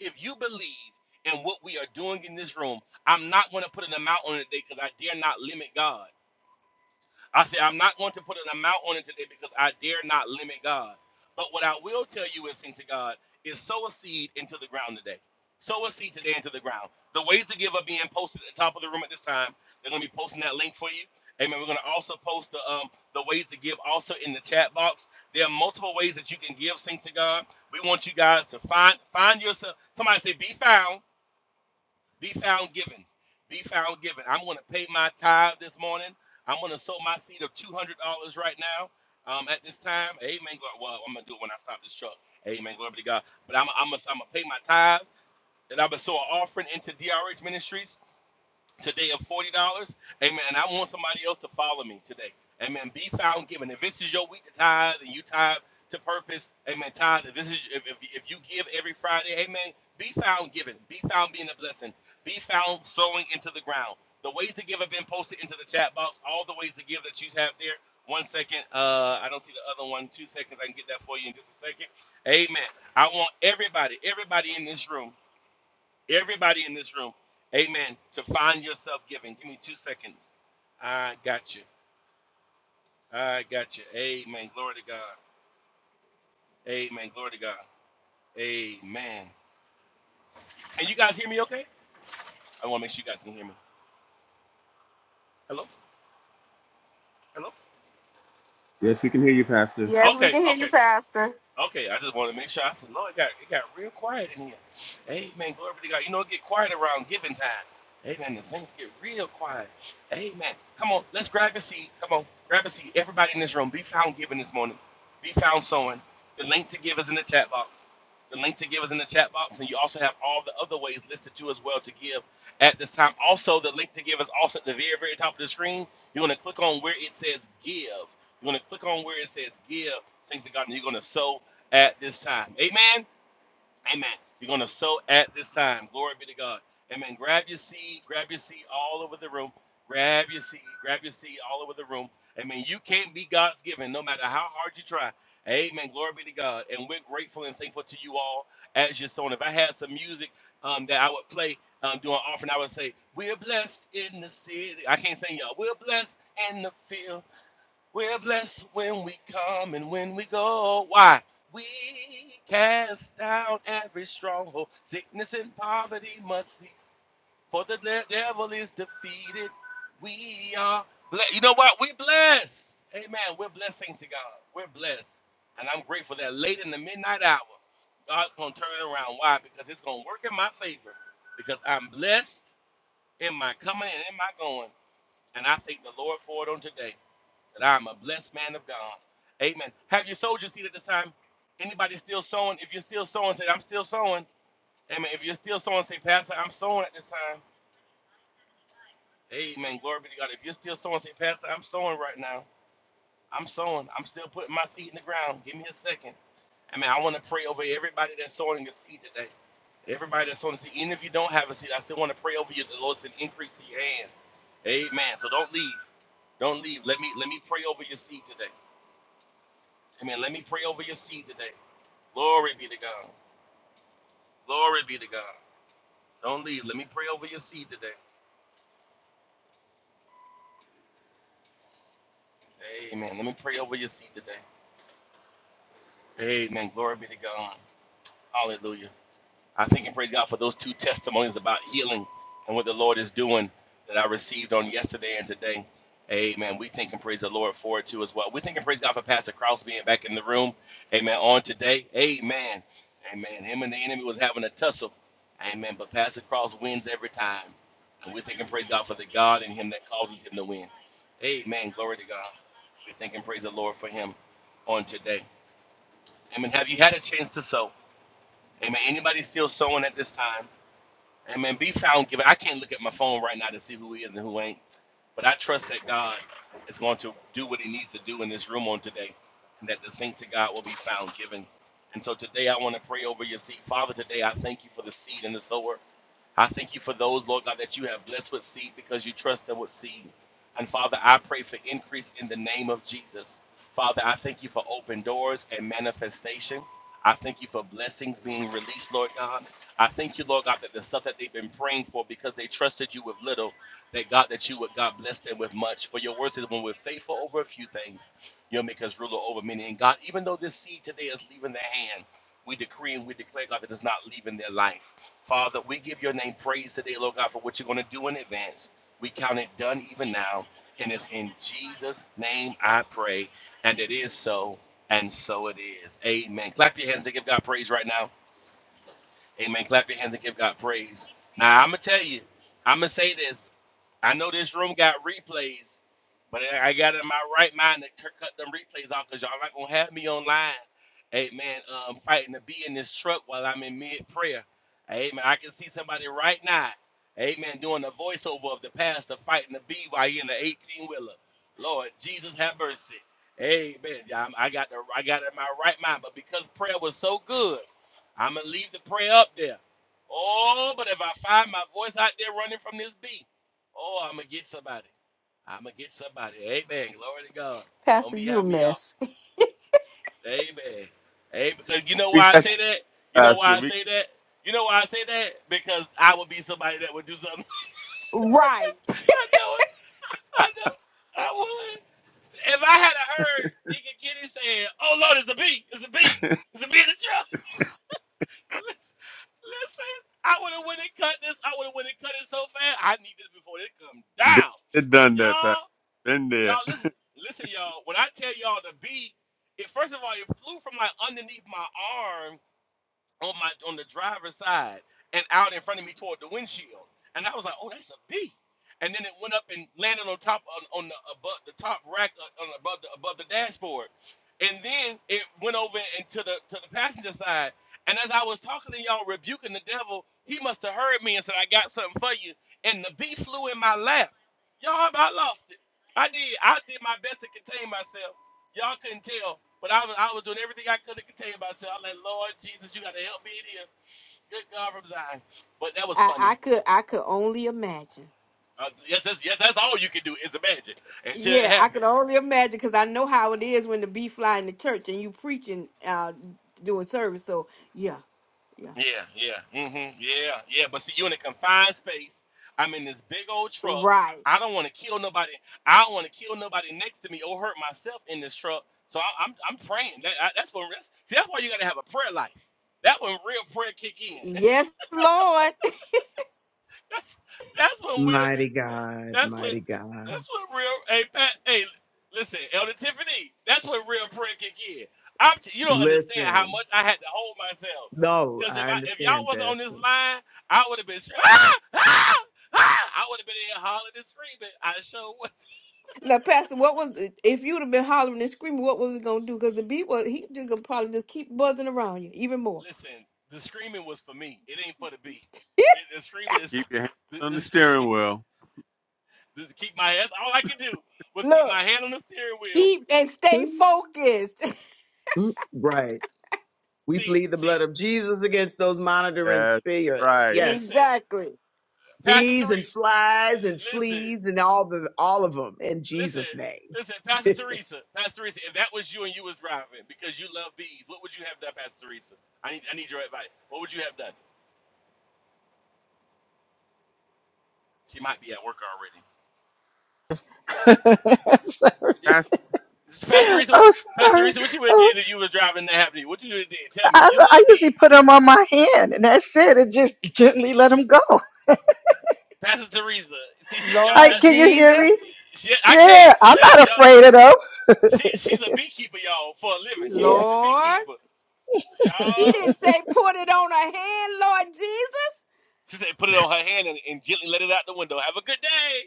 Speaker 4: if you believe in what we are doing in this room, I'm not going to put an amount on it today because I dare not limit God. I said I'm not going to put an amount on it today because I dare not limit God. But what I will tell you is, things to God, is sow a seed into the ground today. Sow a seed today into the ground. The ways to give are being posted at the top of the room at this time. They're going to be posting that link for you. Amen. We're going to also post the um, the ways to give also in the chat box. There are multiple ways that you can give things to God. We want you guys to find find yourself. Somebody say, be found. Be found giving. Be found giving. I'm going to pay my tithe this morning. I'm going to sow my seed of $200 right now um, at this time. Amen. Well, I'm going to do it when I stop this truck. Amen. Glory to God. But I'm, I'm going to pay my tithe and I'm going to sow an offering into DRH Ministries today of forty dollars. Amen. And I want somebody else to follow me today. Amen. Be found giving. If this is your week to tithe and you tithe to purpose, amen. Tithe. If this is if, if, if you give every Friday, amen. Be found giving. Be found being a blessing. Be found sowing into the ground. The ways to give have been posted into the chat box. All the ways to give that you have there. One second. Uh, I don't see the other one. Two seconds. I can get that for you in just a second. Amen. I want everybody, everybody in this room. Everybody in this room, amen, to find yourself giving. Give me two seconds. I got you. I got you. Amen. Glory to God. Amen. Glory to God. Amen. Can you guys hear me okay? I want to make sure you guys can hear me. Hello? Hello?
Speaker 1: Yes, we can hear you, Pastor.
Speaker 2: Yes, we
Speaker 4: Okay,
Speaker 2: can hear you,
Speaker 4: okay.
Speaker 2: Pastor.
Speaker 4: Okay, I just want to make sure. I said, Lord, it got it got real quiet in here. Amen. Glory be to God. You know, it get quiet around giving time. Amen. The saints get real quiet. Amen. Come on, let's grab a seat. Come on, grab a seat. Everybody in this room, be found giving this morning. Be found sowing. The link to give is in the chat box. The link to give is in the chat box, and you also have all the other ways listed too as well to give at this time. Also, the link to give is also at the very, very top of the screen. You're going to click on where it says give. You're going to click on where it says give, things to God, and you're going to sow at this time. Amen. Amen. You're going to sow at this time. Glory be to God. Amen. Grab your seed. Grab your seed all over the room. Grab your seed. Grab your seed all over the room. Amen. You can't be God's given no matter how hard you try. Amen. Glory be to God. And we're grateful and thankful to you all as your sowing. If I had some music um, that I would play um, during offering, I would say, We're blessed in the city. I can't sing y'all. We're blessed in the field. We're blessed when we come and when we go. Why? We cast down every stronghold. Sickness and poverty must cease. For the de- devil is defeated. We are blessed. You know what? We bless. Amen. We're blessings to God. We're blessed. And I'm grateful that late in the midnight hour, God's going to turn it around. Why? Because it's going to work in my favor. Because I'm blessed in my coming and in my going. And I thank the Lord for it on today that I'm a blessed man of God. Amen. Have you sowed your seed at this time? Anybody still sowing? If you're still sowing, say, I'm still sowing. Amen. If you're still sowing, say, Pastor, I'm sowing at this time. Amen. Glory be to God. If you're still sowing, say, Pastor, I'm sowing right now. I'm sowing. I'm still putting my seed in the ground. Give me a second. I mean, I want to pray over everybody that's sowing a seed today. Everybody that's sowing a seed, even if you don't have a seed, I still want to pray over you. The Lord said, increase to your hands. Amen. So don't leave. Don't leave. Let me let me pray over your seed today. Amen. Let me pray over your seed today. Glory be to God. Glory be to God. Don't leave. Let me pray over your seed today. Amen. Let me pray over your seed today. Amen. Glory be to God. Hallelujah. I thank and praise God for those two testimonies about healing and what the Lord is doing that I received on yesterday and today. Amen. We thank and praise the Lord for it too as well. We thank and praise God for Pastor Krause being back in the room. Amen. On today. Amen. Amen. Him and the enemy was having a tussle. Amen. But Pastor Krause wins every time. And we thank and praise God for the God in him that causes him to win. Amen. Glory to God. We thank and praise the Lord for him on today. Amen. Have you had a chance to sow? Amen. Anybody still sowing at this time? And man, be found given. I can't look at my phone right now to see who is and who ain't, but I trust that God is going to do what He needs to do in this room on today, and that the saints of God will be found given. And so today, I want to pray over your seed, Father. Today, I thank you for the seed and the sower. I thank you for those, Lord God, that you have blessed with seed because you trust them with seed. And Father, I pray for increase in the name of Jesus. Father, I thank you for open doors and manifestation. I thank you for blessings being released, Lord God. I thank you, Lord God, that the stuff that they've been praying for because they trusted you with little, that God, that you would, God, bless them with much. For your word says, when we're faithful over a few things, you'll make us ruler over many. And God, even though this seed today is leaving their hand, we decree and we declare, God, that it's not leaving their life. Father, we give your name praise today, Lord God, for what you're going to do in advance. We count it done even now. And it's in Jesus' name I pray. And it is so, and so it is. Amen. Clap your hands and give God praise right now. Amen. Clap your hands and give God praise. Now, I'm going to tell you, I'm going to say this. I know this room got replays, but I I got in my right mind to cut them replays off because y'all not going to have me online. Amen. Um, fighting to be in this truck while I'm in mid prayer. Amen. I can see somebody right now. Amen. Doing the voiceover of the pastor fighting to be while you in the 18 wheeler. Lord Jesus, have mercy. Amen. Yeah, I'm- I got the I got it in my right mind, but because prayer was so good. I'm gonna leave the prayer up there. Oh, but if I find my voice out there running from this beat, oh, I'm gonna get somebody. I'm gonna get somebody. Amen. Glory to God. Don't
Speaker 2: Pastor,
Speaker 4: be
Speaker 2: you a
Speaker 4: having me up.
Speaker 2: mess.
Speaker 4: Amen. Amen. Because you know
Speaker 1: We
Speaker 4: why I
Speaker 1: got you,
Speaker 4: say that? You know why I
Speaker 1: Pastor.
Speaker 4: say that? You know why I say that? Because I would be somebody that would do something.
Speaker 2: Right.
Speaker 4: I know it. I know. I would. If I had heard Deacon Kitty saying, "Oh Lord, it's a beat. It's a beat. It's a beat in the church." Listen, listen. I would have went and cut this. I would have went and cut it so fast. I need this before it come
Speaker 1: Been
Speaker 4: down.
Speaker 1: there, done that, Pat.
Speaker 4: Y'all,
Speaker 1: Been there.
Speaker 4: y'all, listen, listen, y'all. When I tell y'all the beat, it first of all, it flew from like underneath my arm on my on the driver's side and out in front of me toward the windshield. And I was like, "Oh, that's a bee." And then it went up and landed on top on, on the above the top rack uh, on above the above the dashboard. And then it went over into the to the passenger side. And as I was talking to y'all, rebuking the devil, he must have heard me and said, "I got something for you." And the bee flew in my lap. Y'all, I about lost it. I did. I did my best to contain myself, Y'all couldn't tell, but I was I was doing everything I could to contain myself. I'm like, Lord Jesus, you gotta help me in here. Good God from Zion. But that was
Speaker 2: I, I
Speaker 4: funny.
Speaker 2: could I could only imagine.
Speaker 4: Uh, yes, that's, yes, that's all you can do is imagine until it
Speaker 2: Yeah, I
Speaker 4: happened.
Speaker 2: could only imagine because I know how it is when the bee fly in the church and you preaching uh doing service. So yeah, yeah.
Speaker 4: Yeah, yeah, mm-hmm, yeah, yeah. But see, you in a confined space. I'm in this big old truck.
Speaker 2: Right.
Speaker 4: I don't want to kill nobody. I don't want to kill nobody next to me or hurt myself in this truck. So I, I'm I'm praying. That, I, that's what. That's, see, that's why you gotta have a prayer life. That when real prayer kick in.
Speaker 2: Yes, Lord.
Speaker 4: That's that's when we
Speaker 5: Mighty God,
Speaker 4: that's what
Speaker 5: mighty God.
Speaker 4: that's what real hey Pat hey listen, Elder Tiffany, that's what real prayer kick in I'm t- you don't understand how
Speaker 5: Listen,
Speaker 4: much I had to hold myself.
Speaker 5: no,
Speaker 4: Cause if
Speaker 5: I
Speaker 4: I if y'all
Speaker 5: understand,
Speaker 4: wasn't on this
Speaker 5: Pastor.
Speaker 4: line, I would have been screaming, ah, ah, ah! I would have been in here hollering and screaming. I sure was
Speaker 2: now, Pastor, what was if you'd have been hollering and screaming, what was it gonna do? Because the bee was he just gonna probably just keep buzzing around you even more.
Speaker 4: listen, the screaming was for me. It ain't for the bee. It, the screaming
Speaker 1: Keep
Speaker 4: is
Speaker 1: your hands
Speaker 4: the,
Speaker 1: on
Speaker 4: the
Speaker 1: the steering
Speaker 4: scream
Speaker 1: wheel.
Speaker 4: to keep my ass all I could do was keep
Speaker 2: Look,
Speaker 4: my hand on the steering wheel.
Speaker 2: keep and stay
Speaker 5: Mm,
Speaker 2: focused.
Speaker 5: mm, Right. We
Speaker 4: See,
Speaker 5: plead the
Speaker 4: see,
Speaker 5: blood of Jesus against those monitoring
Speaker 1: That's
Speaker 5: spirits.
Speaker 1: right.
Speaker 5: Yes
Speaker 4: listen.
Speaker 2: exactly.
Speaker 4: Pastor
Speaker 5: bees
Speaker 4: Teresa,
Speaker 5: and flies and
Speaker 4: listen,
Speaker 5: fleas and all the all of them in
Speaker 4: listen,
Speaker 5: Jesus' name.
Speaker 4: listen, Pastor Teresa, Pastor Teresa, if that was you and you was driving because you love bees, what would you have done, Pastor Teresa? I need, I need your advice. What would you have done? She might be at work already.
Speaker 3: sorry.
Speaker 1: Pastor,
Speaker 4: Yeah, Pastor Teresa, what,
Speaker 3: Oh,
Speaker 4: Pastor
Speaker 3: sorry.
Speaker 4: Teresa, what you would have
Speaker 3: Oh,
Speaker 4: did if you was driving that happened? What you would have did? Tell me.
Speaker 3: I,
Speaker 4: You love
Speaker 3: I usually
Speaker 4: bees,
Speaker 3: put them on my hand, and that's it. And just gently let them go.
Speaker 4: Pastor Teresa. See, she, y'all, that,
Speaker 3: Like,
Speaker 2: Lord
Speaker 3: can you hear
Speaker 2: Jesus.
Speaker 3: me?
Speaker 4: she, I can't,
Speaker 3: Yeah,
Speaker 4: she,
Speaker 3: I'm
Speaker 4: y'all,
Speaker 3: not
Speaker 4: y'all,
Speaker 3: afraid of them.
Speaker 4: she, she's a beekeeper, y'all, for a living. She,
Speaker 3: yeah.
Speaker 4: she's a
Speaker 2: Lord.
Speaker 4: beekeeper,
Speaker 2: She
Speaker 4: y'all.
Speaker 2: didn't say put it on her hand, Lord Jesus.
Speaker 4: She said, put it on her hand and, and gently let it out the window. Have a good day.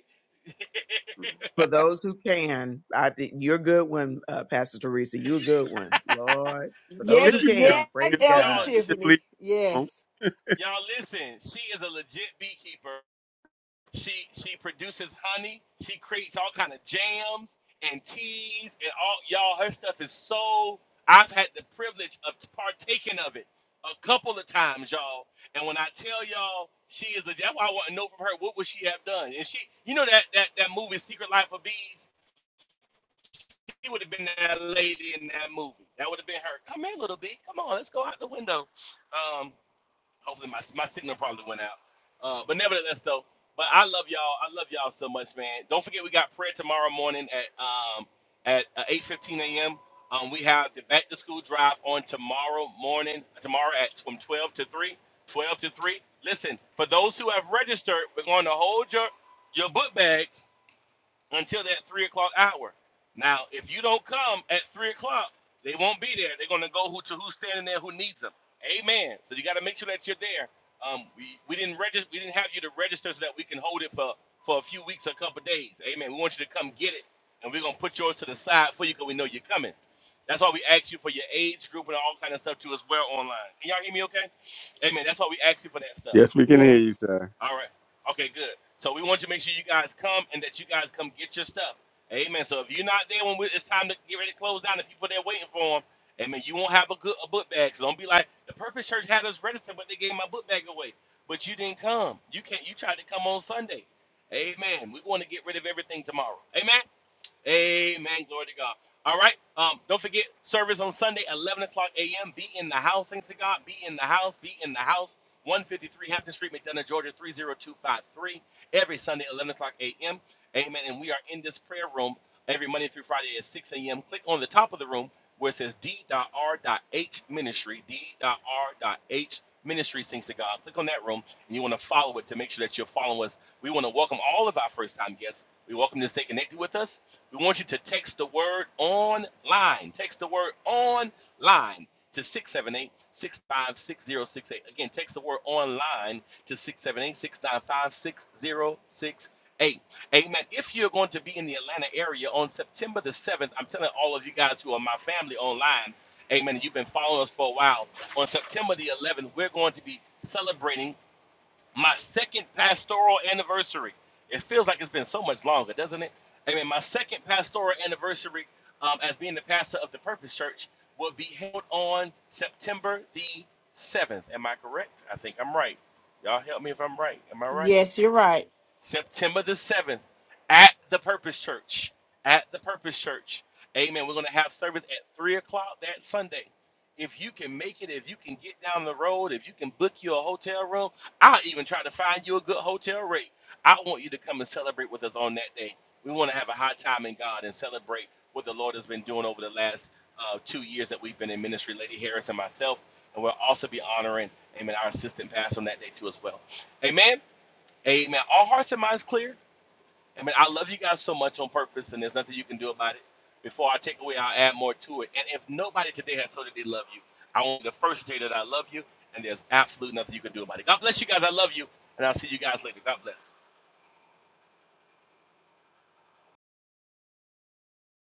Speaker 5: For those who can, I think you're a good one, uh, Pastor Teresa. You're a good one, Lord. For
Speaker 2: Yes,
Speaker 5: those
Speaker 4: She's
Speaker 1: did
Speaker 4: a
Speaker 5: who
Speaker 1: you
Speaker 4: y'all,
Speaker 1: just
Speaker 5: can,
Speaker 2: yes,
Speaker 1: leave
Speaker 5: praise
Speaker 2: Elder
Speaker 5: God.
Speaker 4: y'all, sh-
Speaker 1: Just leave
Speaker 2: Tiffany.
Speaker 1: home?
Speaker 2: Yes,
Speaker 4: y'all. Listen, she is a legit beekeeper. She she produces honey. She creates all kind of jams and teas and all y'all. Her stuff is so. I've had the privilege of partaking of it a couple of times, y'all. And when I tell y'all, she is a. That's why I want to know from her what would she have done. And she, you know that that that movie Secret Life of Bees. She would have been that lady in that movie. That would have been her. Come here, little B. Come on, let's go out the window. Um, hopefully my my signal probably went out. Uh, but nevertheless, though, but I love y'all. I love y'all so much, man. Don't forget we got prayer tomorrow morning at um at uh, 8:15 a.m. Um, we have the back to school drive on tomorrow morning. Tomorrow at from 12 to 3. 12 to 3. Listen, for those who have registered, we're going to hold your your book bags until that three o'clock hour. Now, if you don't come at three o'clock, they won't be there. They're gonna go who to who's standing there who needs them. Amen. So you got to make sure that you're there. Um, we, we didn't register. We didn't have you to register so that we can hold it for for a few weeks, or a couple of days. Amen. We want you to come get it, and we're gonna put yours to the side for you because we know you're coming. That's why we ask you for your age group and all kind of stuff too as well online. Can y'all hear me okay? Amen. That's why we ask you for that stuff.
Speaker 1: Yes, we can hear you,
Speaker 2: yes.
Speaker 1: sir.
Speaker 4: All right. Okay, good. So we want you to make sure you guys come and that you guys come get your stuff. Amen. So if you're not there when we, it's time to get ready to close down, the people there waiting for them, amen, you won't have a good a book bag. So don't be like, the Purpose Church had us registered, but they gave my book bag away. But you didn't come. You can't. You tried to come on Sunday. Amen. We want to get rid of everything tomorrow. Amen. Amen. Glory to God. All right. Um, don't forget service on Sunday, 11 o'clock a.m. Be in the house, thanks to God. Be in the house. Be in the house. 153 Hampton Street, McDonough, Georgia, 30253. Every Sunday, 11 o'clock a.m. Amen. And we are in this prayer room every Monday through Friday at 6 a.m. Click on the top of the room where it says D.R.H ministry, D.R.H ministry sings to God. Click on that room and you want to follow it to make sure that you're following us. We want to welcome all of our first time guests. We welcome you to stay connected with us. We want you to text the word online. Text the word online to six seven eight six five six zero six eight. Again, text the word online to six seven eight six nine five six zero six eight. Amen. If you're going to be in the Atlanta area on September the 7th, I'm telling all of you guys who are my family online, amen, you've been following us for a while. On September the 11th, we're going to be celebrating my second pastoral anniversary. It feels like it's been so much longer, doesn't it? I mean, my second pastoral anniversary um, as being the pastor of the Purpose Church will be held on September the 7th. Am I correct? I think I'm right. Y'all help me if I'm right. Am I right?
Speaker 2: Yes, you're right.
Speaker 4: September the 7th at the Purpose Church. At the Purpose Church. Amen. We're going to have service at 3 o'clock that Sunday. If you can make it, if you can get down the road, if you can book you a hotel room, I'll even try to find you a good hotel rate. I want you to come and celebrate with us on that day. We want to have a high time in God and celebrate what the Lord has been doing over the last uh, two years that we've been in ministry, Lady Harris and myself. And we'll also be honoring, amen, our assistant pastor on that day too as well. Amen. Amen. All hearts and minds clear. I mean, I love you guys so much on purpose, and there's nothing you can do about it. Before I take away, I'll add more to it. And if nobody today has told that they love you, I want the first day that I love you, and there's absolutely nothing you can do about it. God bless you guys. I love you, and I'll see you guys later. God bless.